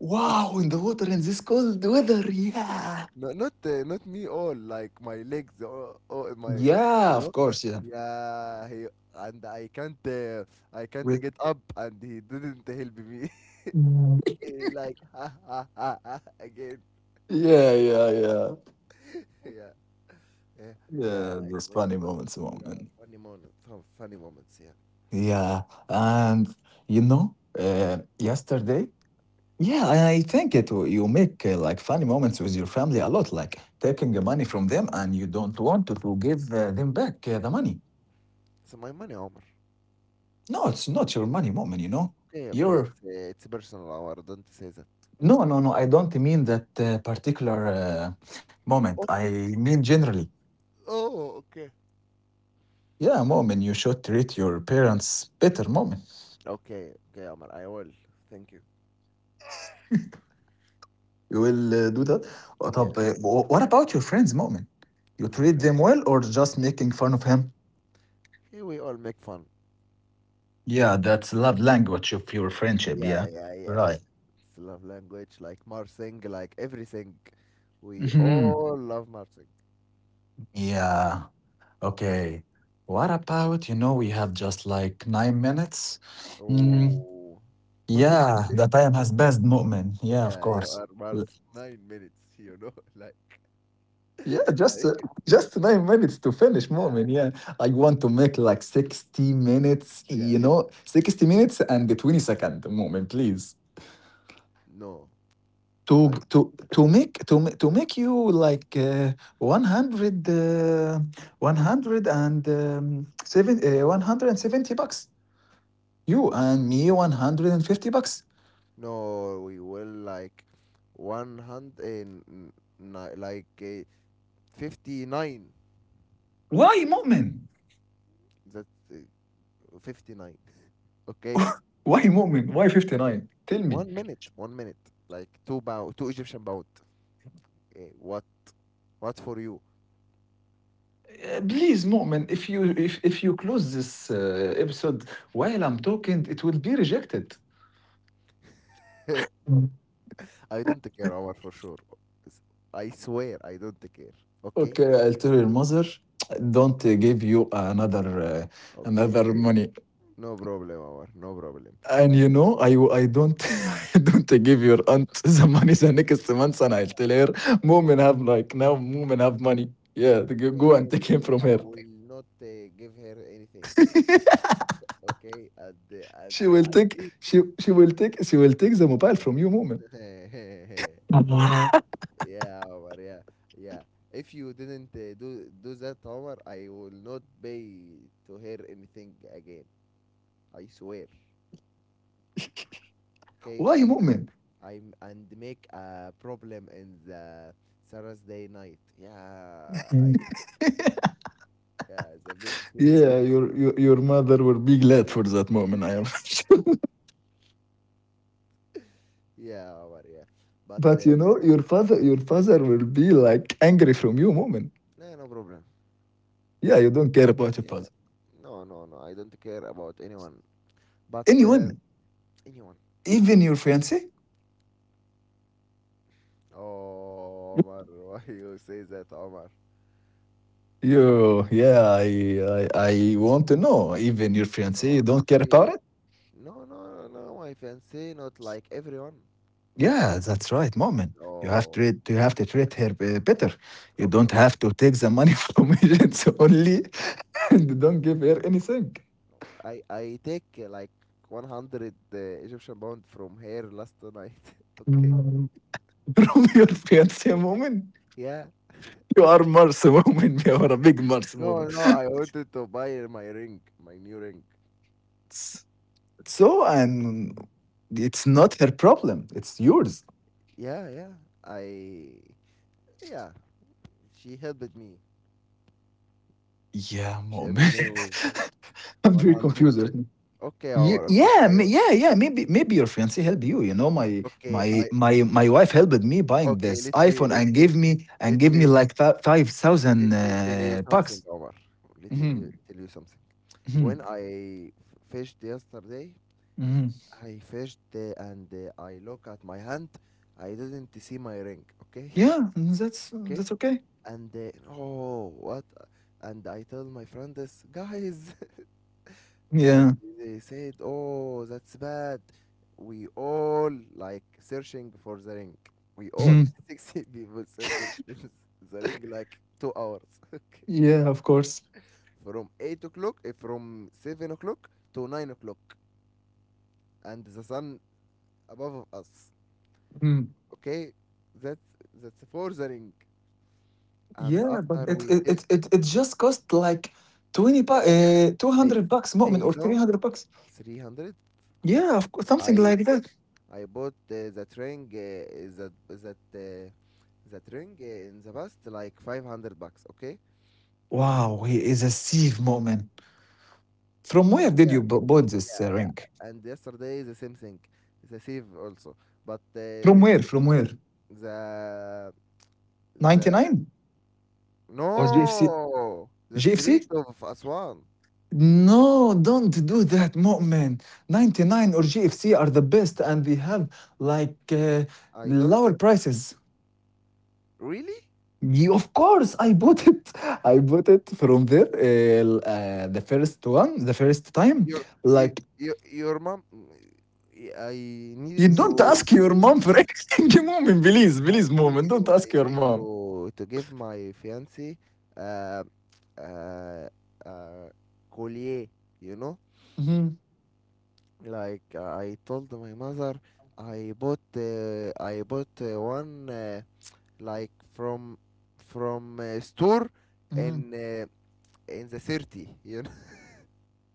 Speaker 2: Wow, in the water in this cold weather. Yeah.
Speaker 1: No, not uh, not me all, like my legs or, or my, you
Speaker 2: Yeah, of
Speaker 1: know.
Speaker 2: course, yeah.
Speaker 1: Yeah, he. And I can't uh, I can't
Speaker 2: With...
Speaker 1: get up and he didn't help me. He like ha ha ha ha again.
Speaker 2: yeah, yeah, yeah.
Speaker 1: Yeah, yeah, yeah.
Speaker 2: Yeah,
Speaker 1: It
Speaker 2: those
Speaker 1: was
Speaker 2: funny
Speaker 1: fun.
Speaker 2: moments,
Speaker 1: Yeah,
Speaker 2: moment.
Speaker 1: funny moment, fun, funny moments. Yeah,
Speaker 2: Yeah, and you know, uh, yesterday, yeah, I I think it w- you make, uh, like, funny moments with your family a lot, like taking the money from them, and you don't want to, to give, uh, them back, uh, the money.
Speaker 1: it's my money, Omar.
Speaker 2: No, it's not your money, moment. You know,
Speaker 1: Okay, okay.
Speaker 2: your
Speaker 1: It's uh, it's personal, Omar. Don't say that.
Speaker 2: no, no, no. I don't mean that, uh, particular, uh, moment.
Speaker 1: Okay.
Speaker 2: I mean generally.
Speaker 1: Oh, okay.
Speaker 2: Yeah, moment, you should treat your parents better, moment.
Speaker 1: Okay, okay, Omar, I will. Thank you.
Speaker 2: You will, uh, do that? Uh,
Speaker 1: Yeah,
Speaker 2: طب, uh, wh- what about your friends, Mu'min? You
Speaker 1: my
Speaker 2: treat
Speaker 1: friend.
Speaker 2: them well or just making fun of him?
Speaker 1: Here we all make fun.
Speaker 2: Yeah, that's love language of your friendship,
Speaker 1: Yeah,
Speaker 2: yeah.
Speaker 1: yeah, yeah, yeah.
Speaker 2: Right.
Speaker 1: It's love language, like Marsing, like everything. We
Speaker 2: Hmm.
Speaker 1: all love Marsing.
Speaker 2: Yeah. Okay. What about, you know, we have just like nine minutes? Mm,
Speaker 1: Oh, nine
Speaker 2: yeah, the
Speaker 1: minutes.
Speaker 2: time has passed, Mu'min. Yeah, of
Speaker 1: Yeah, you
Speaker 2: course.
Speaker 1: are Mars. Nine minutes, you know, like,
Speaker 2: Yeah, just uh,
Speaker 1: like,
Speaker 2: just nine minutes to finish,
Speaker 1: yeah,
Speaker 2: moment. Yeah, I want to make like sixty minutes.
Speaker 1: yeah.
Speaker 2: You know, sixty minutes and the twenty second moment, please.
Speaker 1: No,
Speaker 2: To
Speaker 1: like,
Speaker 2: to to make to ma- to make you like, uh, one hundred, uh, one hundred and um, seven, uh, one hundred and seventy bucks. You and me, one hundred and fifty bucks.
Speaker 1: no, we will like one hundred and n- ni- like uh, fifty nine.
Speaker 2: Why, moment?
Speaker 1: That's fifty nine. Okay.
Speaker 2: Why, moment? Why fifty
Speaker 1: Yeah.
Speaker 2: nine? Tell me.
Speaker 1: One minute. One minute. Like two pound, two Egyptian pound. Eh, what? What for you?
Speaker 2: Uh, please, Mu'min, if you if if you close this, uh, episode while I'm talking, it will be rejected.
Speaker 1: I don't care, Omar, for sure. S- I swear, I don't care. Okay.
Speaker 2: Okay, I'll tell your mother, don't, uh, give you another uh,
Speaker 1: Okay.
Speaker 2: another money.
Speaker 1: No problem, Omar. No problem.
Speaker 2: And you
Speaker 1: Mm.
Speaker 2: know, I I don't I don't give your aunt the money the next month, and I'll tell her, mom have like now, mom have money. Yeah, go go
Speaker 1: Okay,
Speaker 2: and
Speaker 1: no
Speaker 2: take him
Speaker 1: problem.
Speaker 2: from
Speaker 1: I
Speaker 2: her.
Speaker 1: will not uh, give her anything. Okay. And uh, and
Speaker 2: she will
Speaker 1: I
Speaker 2: take
Speaker 1: did.
Speaker 2: she she will take she will take the mobile from you, Mu'min.
Speaker 1: yeah. Yeah, Omar, yeah, yeah. If you didn't uh, do do that, Omar, I will not pay to hear anything again. I swear. Okay,
Speaker 2: Why,
Speaker 1: and
Speaker 2: Mu'min?
Speaker 1: I'm and make a problem in the Thursday night. Yeah, I, yeah, the best thing.
Speaker 2: Yeah, your, your your mother will be glad for that moment. I am sure.
Speaker 1: Yeah, Omar, yeah. But
Speaker 2: But you
Speaker 1: uh,
Speaker 2: know, your father your father will be like angry from you moment.
Speaker 1: no, no problem.
Speaker 2: Yeah, you don't care about your
Speaker 1: Yeah,
Speaker 2: father.
Speaker 1: no, no, no, I don't care about anyone. But uh,
Speaker 2: Anyone,
Speaker 1: anyone.
Speaker 2: even your fiance.
Speaker 1: Oh, Omar, why you say that, Omar?
Speaker 2: You Yeah, I, I I want to know. Even your fiance, you
Speaker 1: No,
Speaker 2: don't care about
Speaker 1: she.
Speaker 2: it.
Speaker 1: No, no, no, no, I fancy not like everyone.
Speaker 2: Yeah, that's right, moment. You have to
Speaker 1: Oh,
Speaker 2: you have to treat her, uh, better. You don't
Speaker 1: okay.
Speaker 2: have to take the money from agents only, and don't give her anything
Speaker 1: I I take uh, like one hundred uh, Egyptian pound from here last night. Okay.
Speaker 2: from your fiance moment.
Speaker 1: Yeah.
Speaker 2: You are Mars woman. You are a big Mars woman.
Speaker 1: No, no, I wanted to buy my ring, my new ring.
Speaker 2: S- So, and it's not her problem. It's yours.
Speaker 1: Yeah, yeah. I, yeah, she helped me.
Speaker 2: Yeah,
Speaker 1: She
Speaker 2: mom.
Speaker 1: helped me with
Speaker 2: I'm very
Speaker 1: one hundred.
Speaker 2: confused right now.
Speaker 1: Okay, Omar,
Speaker 2: Ye-
Speaker 1: okay.
Speaker 2: Yeah,
Speaker 1: I
Speaker 2: ma-
Speaker 1: w-
Speaker 2: yeah, yeah. Maybe, maybe your fiance helped you. You know, my,
Speaker 1: okay,
Speaker 2: my,
Speaker 1: I
Speaker 2: my, my wife helped me buying
Speaker 1: okay,
Speaker 2: this
Speaker 1: let me
Speaker 2: iPhone
Speaker 1: let
Speaker 2: and
Speaker 1: me
Speaker 2: gave me and
Speaker 1: let
Speaker 2: gave me
Speaker 1: me
Speaker 2: like fi- five
Speaker 1: let
Speaker 2: thousand
Speaker 1: me tell you
Speaker 2: uh,
Speaker 1: something,
Speaker 2: bucks.
Speaker 1: Omar. Let me
Speaker 2: Hmm.
Speaker 1: tell you something. When
Speaker 2: Hmm.
Speaker 1: I f- fished yesterday,
Speaker 2: Hmm.
Speaker 1: I fished uh, and uh, I look at my hand. I didn't see my ring. Okay,
Speaker 2: Yeah, mm, that's
Speaker 1: okay.
Speaker 2: that's okay.
Speaker 1: And uh, oh, what? And I tell my friend this, guys, and
Speaker 2: Yeah.
Speaker 1: they said, oh, that's bad. We all like searching for the ring. We all
Speaker 2: Mhm.
Speaker 1: sixty people searching the ring like two hours.
Speaker 2: Yeah, of course.
Speaker 1: Okay, from eight o'clock, eh, from seven o'clock to nine o'clock and the sun above of us.
Speaker 2: Mm-hmm.
Speaker 1: Okay, that's that's for the ring. And
Speaker 2: Yeah, but
Speaker 1: after
Speaker 2: it
Speaker 1: we
Speaker 2: it
Speaker 1: did,
Speaker 2: it it it just cost like twenty, bu
Speaker 1: yeah,
Speaker 2: uh,
Speaker 1: they
Speaker 2: two hundred bucks, Mu'min,
Speaker 1: they
Speaker 2: or
Speaker 1: know
Speaker 2: three hundred bucks.
Speaker 1: three hundred.
Speaker 2: Yeah, of course, something
Speaker 1: I
Speaker 2: like
Speaker 1: bought
Speaker 2: that.
Speaker 1: I bought uh, that ring uh, is that is that uh, that ring uh, in the past like five hundred bucks. Okay, and
Speaker 2: Wow, he is a thief, Mu'min. From where did you
Speaker 1: yeah,
Speaker 2: bu bought this,
Speaker 1: yeah,
Speaker 2: uh,
Speaker 1: yeah.
Speaker 2: ring?
Speaker 1: And yesterday the same thing, the save also. But uh,
Speaker 2: From
Speaker 1: let
Speaker 2: where?
Speaker 1: me.
Speaker 2: From where?
Speaker 1: The the
Speaker 2: ninety nine or G F C?
Speaker 1: No, the street
Speaker 2: G F C?
Speaker 1: of Aswan.
Speaker 2: No, don't do that, Mu'min. ninety nine or G F C are the best, and they have, like, uh,
Speaker 1: I don't uh,
Speaker 2: lower prices.
Speaker 1: really.
Speaker 2: You, of course, I bought it. I bought it from there. Uh, l- uh, the first one, the first time.
Speaker 1: your y-
Speaker 2: Like,
Speaker 1: y- your mom. I
Speaker 2: you
Speaker 1: needed
Speaker 2: don't
Speaker 1: to
Speaker 2: ask your mom for anything, moment. Please,
Speaker 1: i
Speaker 2: please,
Speaker 1: needed
Speaker 2: moment.
Speaker 1: to
Speaker 2: Don't
Speaker 1: I
Speaker 2: ask your
Speaker 1: needed
Speaker 2: mom.
Speaker 1: to to give my fiance uh uh uh collier, you know.
Speaker 2: Hmm.
Speaker 1: like uh, I told my mother I bought uh, I bought uh, one uh, like from from uh, store
Speaker 2: Hmm.
Speaker 1: in uh, in the city, you know.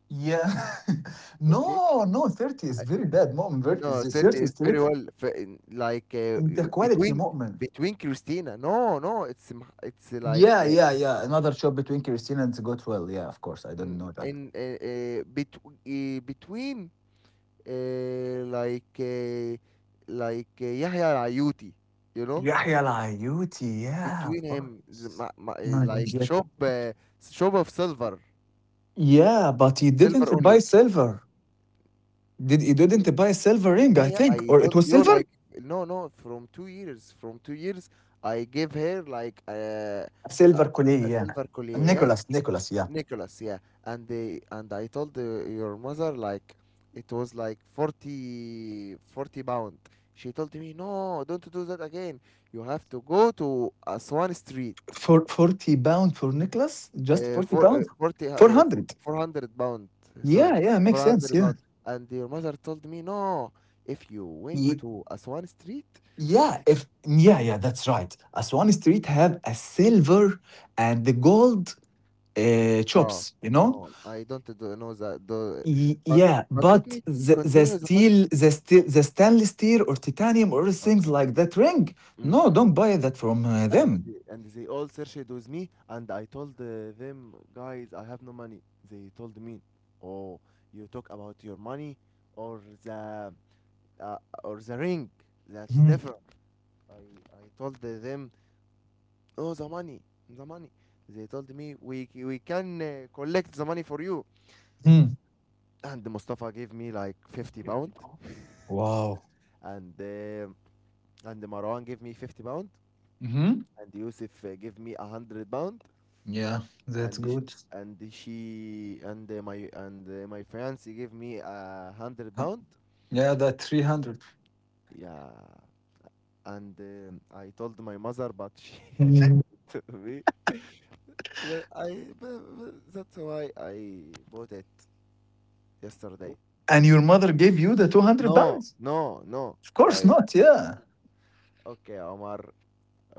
Speaker 2: Yeah.
Speaker 1: okay.
Speaker 2: no, no, thirty is very bad, moment. thirty
Speaker 1: No,
Speaker 2: is
Speaker 1: Sirte
Speaker 2: thirty is
Speaker 1: is very
Speaker 2: straight.
Speaker 1: well, f- in- like uh,
Speaker 2: In the quality,
Speaker 1: between
Speaker 2: moment.
Speaker 1: between Christina. No, no, it's m- it's like
Speaker 2: Yeah, yeah, yeah. Another shop between Christina and Goodwill. Yeah, of course. I
Speaker 1: uh,
Speaker 2: don't
Speaker 1: mm,
Speaker 2: know that.
Speaker 1: in uh, uh, bet- uh, between uh, like uh, like uh, Yahya Al-Ayuti, you know,
Speaker 2: Yahya Al-Ayouti. Yeah, of
Speaker 1: between him, the
Speaker 2: course.
Speaker 1: ma- ma- uh, like shop uh, shop of silver,
Speaker 2: Yeah, but he
Speaker 1: silver
Speaker 2: didn't buy
Speaker 1: only.
Speaker 2: silver. Did he didn't buy a silver ring,
Speaker 1: Yeah,
Speaker 2: I
Speaker 1: yeah.
Speaker 2: think.
Speaker 1: I
Speaker 2: Or it
Speaker 1: told
Speaker 2: was
Speaker 1: you
Speaker 2: silver?
Speaker 1: like. No, no. From two years, from two years, I gave her like uh, a
Speaker 2: Silver collier,
Speaker 1: a
Speaker 2: yeah.
Speaker 1: silver collier. Yeah.
Speaker 2: Nicholas, Nicholas, yeah.
Speaker 1: Nicholas, yeah. And they, and I told uh, your mother like it was like forty forty pound. She told me, "No, don't do that again. You have to go to Aswan Street.
Speaker 2: For forty pound for Nicholas? Just
Speaker 1: Uh,
Speaker 2: 40
Speaker 1: for uh,
Speaker 2: pound?
Speaker 1: 40 uh, f-
Speaker 2: four hundred.
Speaker 1: four hundred pound. Sorry,
Speaker 2: Yeah, yeah, makes
Speaker 1: 400
Speaker 2: sense,
Speaker 1: hundred
Speaker 2: yeah.
Speaker 1: pound. And your mother told me, "No, if you went
Speaker 2: Ye-
Speaker 1: to Aswan Street.
Speaker 2: Yeah, if Yeah, yeah, that's right. Aswani Street have a silver and the gold, uh, chops,
Speaker 1: Oh,
Speaker 2: you know?
Speaker 1: no, I don't do, know that. Do,
Speaker 2: Y-
Speaker 1: but
Speaker 2: yeah,
Speaker 1: but
Speaker 2: but
Speaker 1: let me
Speaker 2: the, the
Speaker 1: continue the fun.
Speaker 2: steel, the steel, the stainless steel or titanium or things
Speaker 1: Okay.
Speaker 2: like that ring.
Speaker 1: Mm.
Speaker 2: No, don't buy that from, uh,
Speaker 1: And
Speaker 2: them.
Speaker 1: they- and they all searched with me and I told uh, them, guys, I have no money. They told me, oh, you talk about your money or the uh, or the ring, that's
Speaker 2: Mhm,
Speaker 1: different. i i told them, oh, the money, the money. They told me, we c- we can uh, collect the money for you.
Speaker 2: mhm.
Speaker 1: And Mustafa gave me like fifty pound,
Speaker 2: Wow.
Speaker 1: and uh, and Marwan gave me fifty pound,
Speaker 2: Hmm.
Speaker 1: and Yusuf uh, gave me one hundred pound.
Speaker 2: Yeah, that's
Speaker 1: And sh-
Speaker 2: good.
Speaker 1: and she and uh, my and uh, my fiance gave me a hundred
Speaker 2: Uh,
Speaker 1: pound.
Speaker 2: Yeah, that three hundred.
Speaker 1: Yeah, and um, I told my mother, but she
Speaker 2: Mhm.
Speaker 1: showed it to me. That I bu- bu- that's why I bought it yesterday.
Speaker 2: And your mother gave you the 200
Speaker 1: No,
Speaker 2: pounds?
Speaker 1: no, no.
Speaker 2: Of course
Speaker 1: I,
Speaker 2: not. Yeah.
Speaker 1: okay, Omar.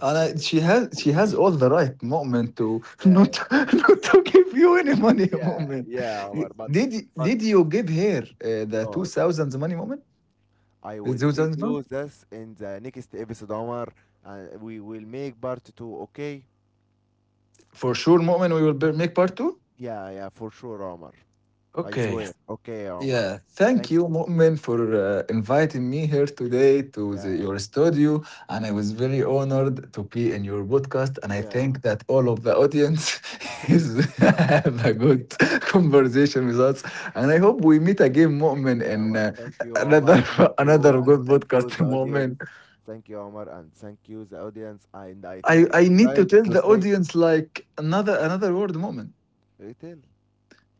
Speaker 2: And I, she has she has all the right, Mu'min, to
Speaker 1: yeah,
Speaker 2: not not to give you any money,
Speaker 1: yeah,
Speaker 2: Mu'min.
Speaker 1: yeah, Omar. But
Speaker 2: Did y-
Speaker 1: but
Speaker 2: did you give her, uh, the two
Speaker 1: no,
Speaker 2: thousands money, Mu'min?
Speaker 1: I
Speaker 2: The
Speaker 1: will
Speaker 2: two
Speaker 1: tell
Speaker 2: thousands
Speaker 1: you
Speaker 2: pound?
Speaker 1: this in the next episode, Omar, and we will make part two. Okay.
Speaker 2: For sure, Mu'min, we will be- make part two.
Speaker 1: Yeah, yeah, for sure, Omar. I
Speaker 2: Okay.
Speaker 1: swear. Okay, Omar.
Speaker 2: Yeah, thank
Speaker 1: Thank
Speaker 2: you,
Speaker 1: you.
Speaker 2: Mu'min, for, uh, inviting me here today to
Speaker 1: Yeah,
Speaker 2: the, your studio. And I was very honored to be in your podcast. And I
Speaker 1: yeah,
Speaker 2: think that all of the audience is have a good conversation with us. And I hope we meet again, Mu'min,
Speaker 1: yeah,
Speaker 2: in,
Speaker 1: Omar.
Speaker 2: uh,
Speaker 1: Thank you, Omar.
Speaker 2: another
Speaker 1: Thank you,
Speaker 2: another
Speaker 1: and
Speaker 2: good
Speaker 1: thank
Speaker 2: podcast,
Speaker 1: you, the audience.
Speaker 2: Mu'min.
Speaker 1: Thank you, Omar, and thank you, the audience. And I
Speaker 2: I,
Speaker 1: think it's
Speaker 2: I need to
Speaker 1: time
Speaker 2: tell
Speaker 1: to
Speaker 2: the
Speaker 1: say
Speaker 2: audience like another another word, Mu'min.
Speaker 1: retail.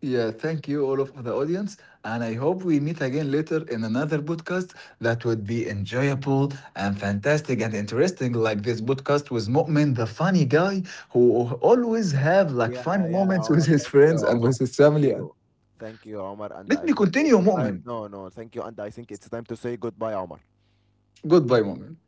Speaker 2: Yeah, thank you, all of the audience. And I hope we meet again later in another podcast that would be enjoyable and fantastic and interesting, like this podcast with Mu'min, the funny guy who always have like
Speaker 1: Yeah,
Speaker 2: funny
Speaker 1: yeah,
Speaker 2: moments
Speaker 1: Omar.
Speaker 2: with his
Speaker 1: Thank you,
Speaker 2: friends and
Speaker 1: Omar.
Speaker 2: with his
Speaker 1: Thank
Speaker 2: family.
Speaker 1: you. Thank you, Omar. And
Speaker 2: Let
Speaker 1: I
Speaker 2: me
Speaker 1: think
Speaker 2: continue,
Speaker 1: it's time.
Speaker 2: Mu'min.
Speaker 1: No, no, thank you. And I think it's time to say goodbye, Omar.
Speaker 2: Goodbye, Mu'min.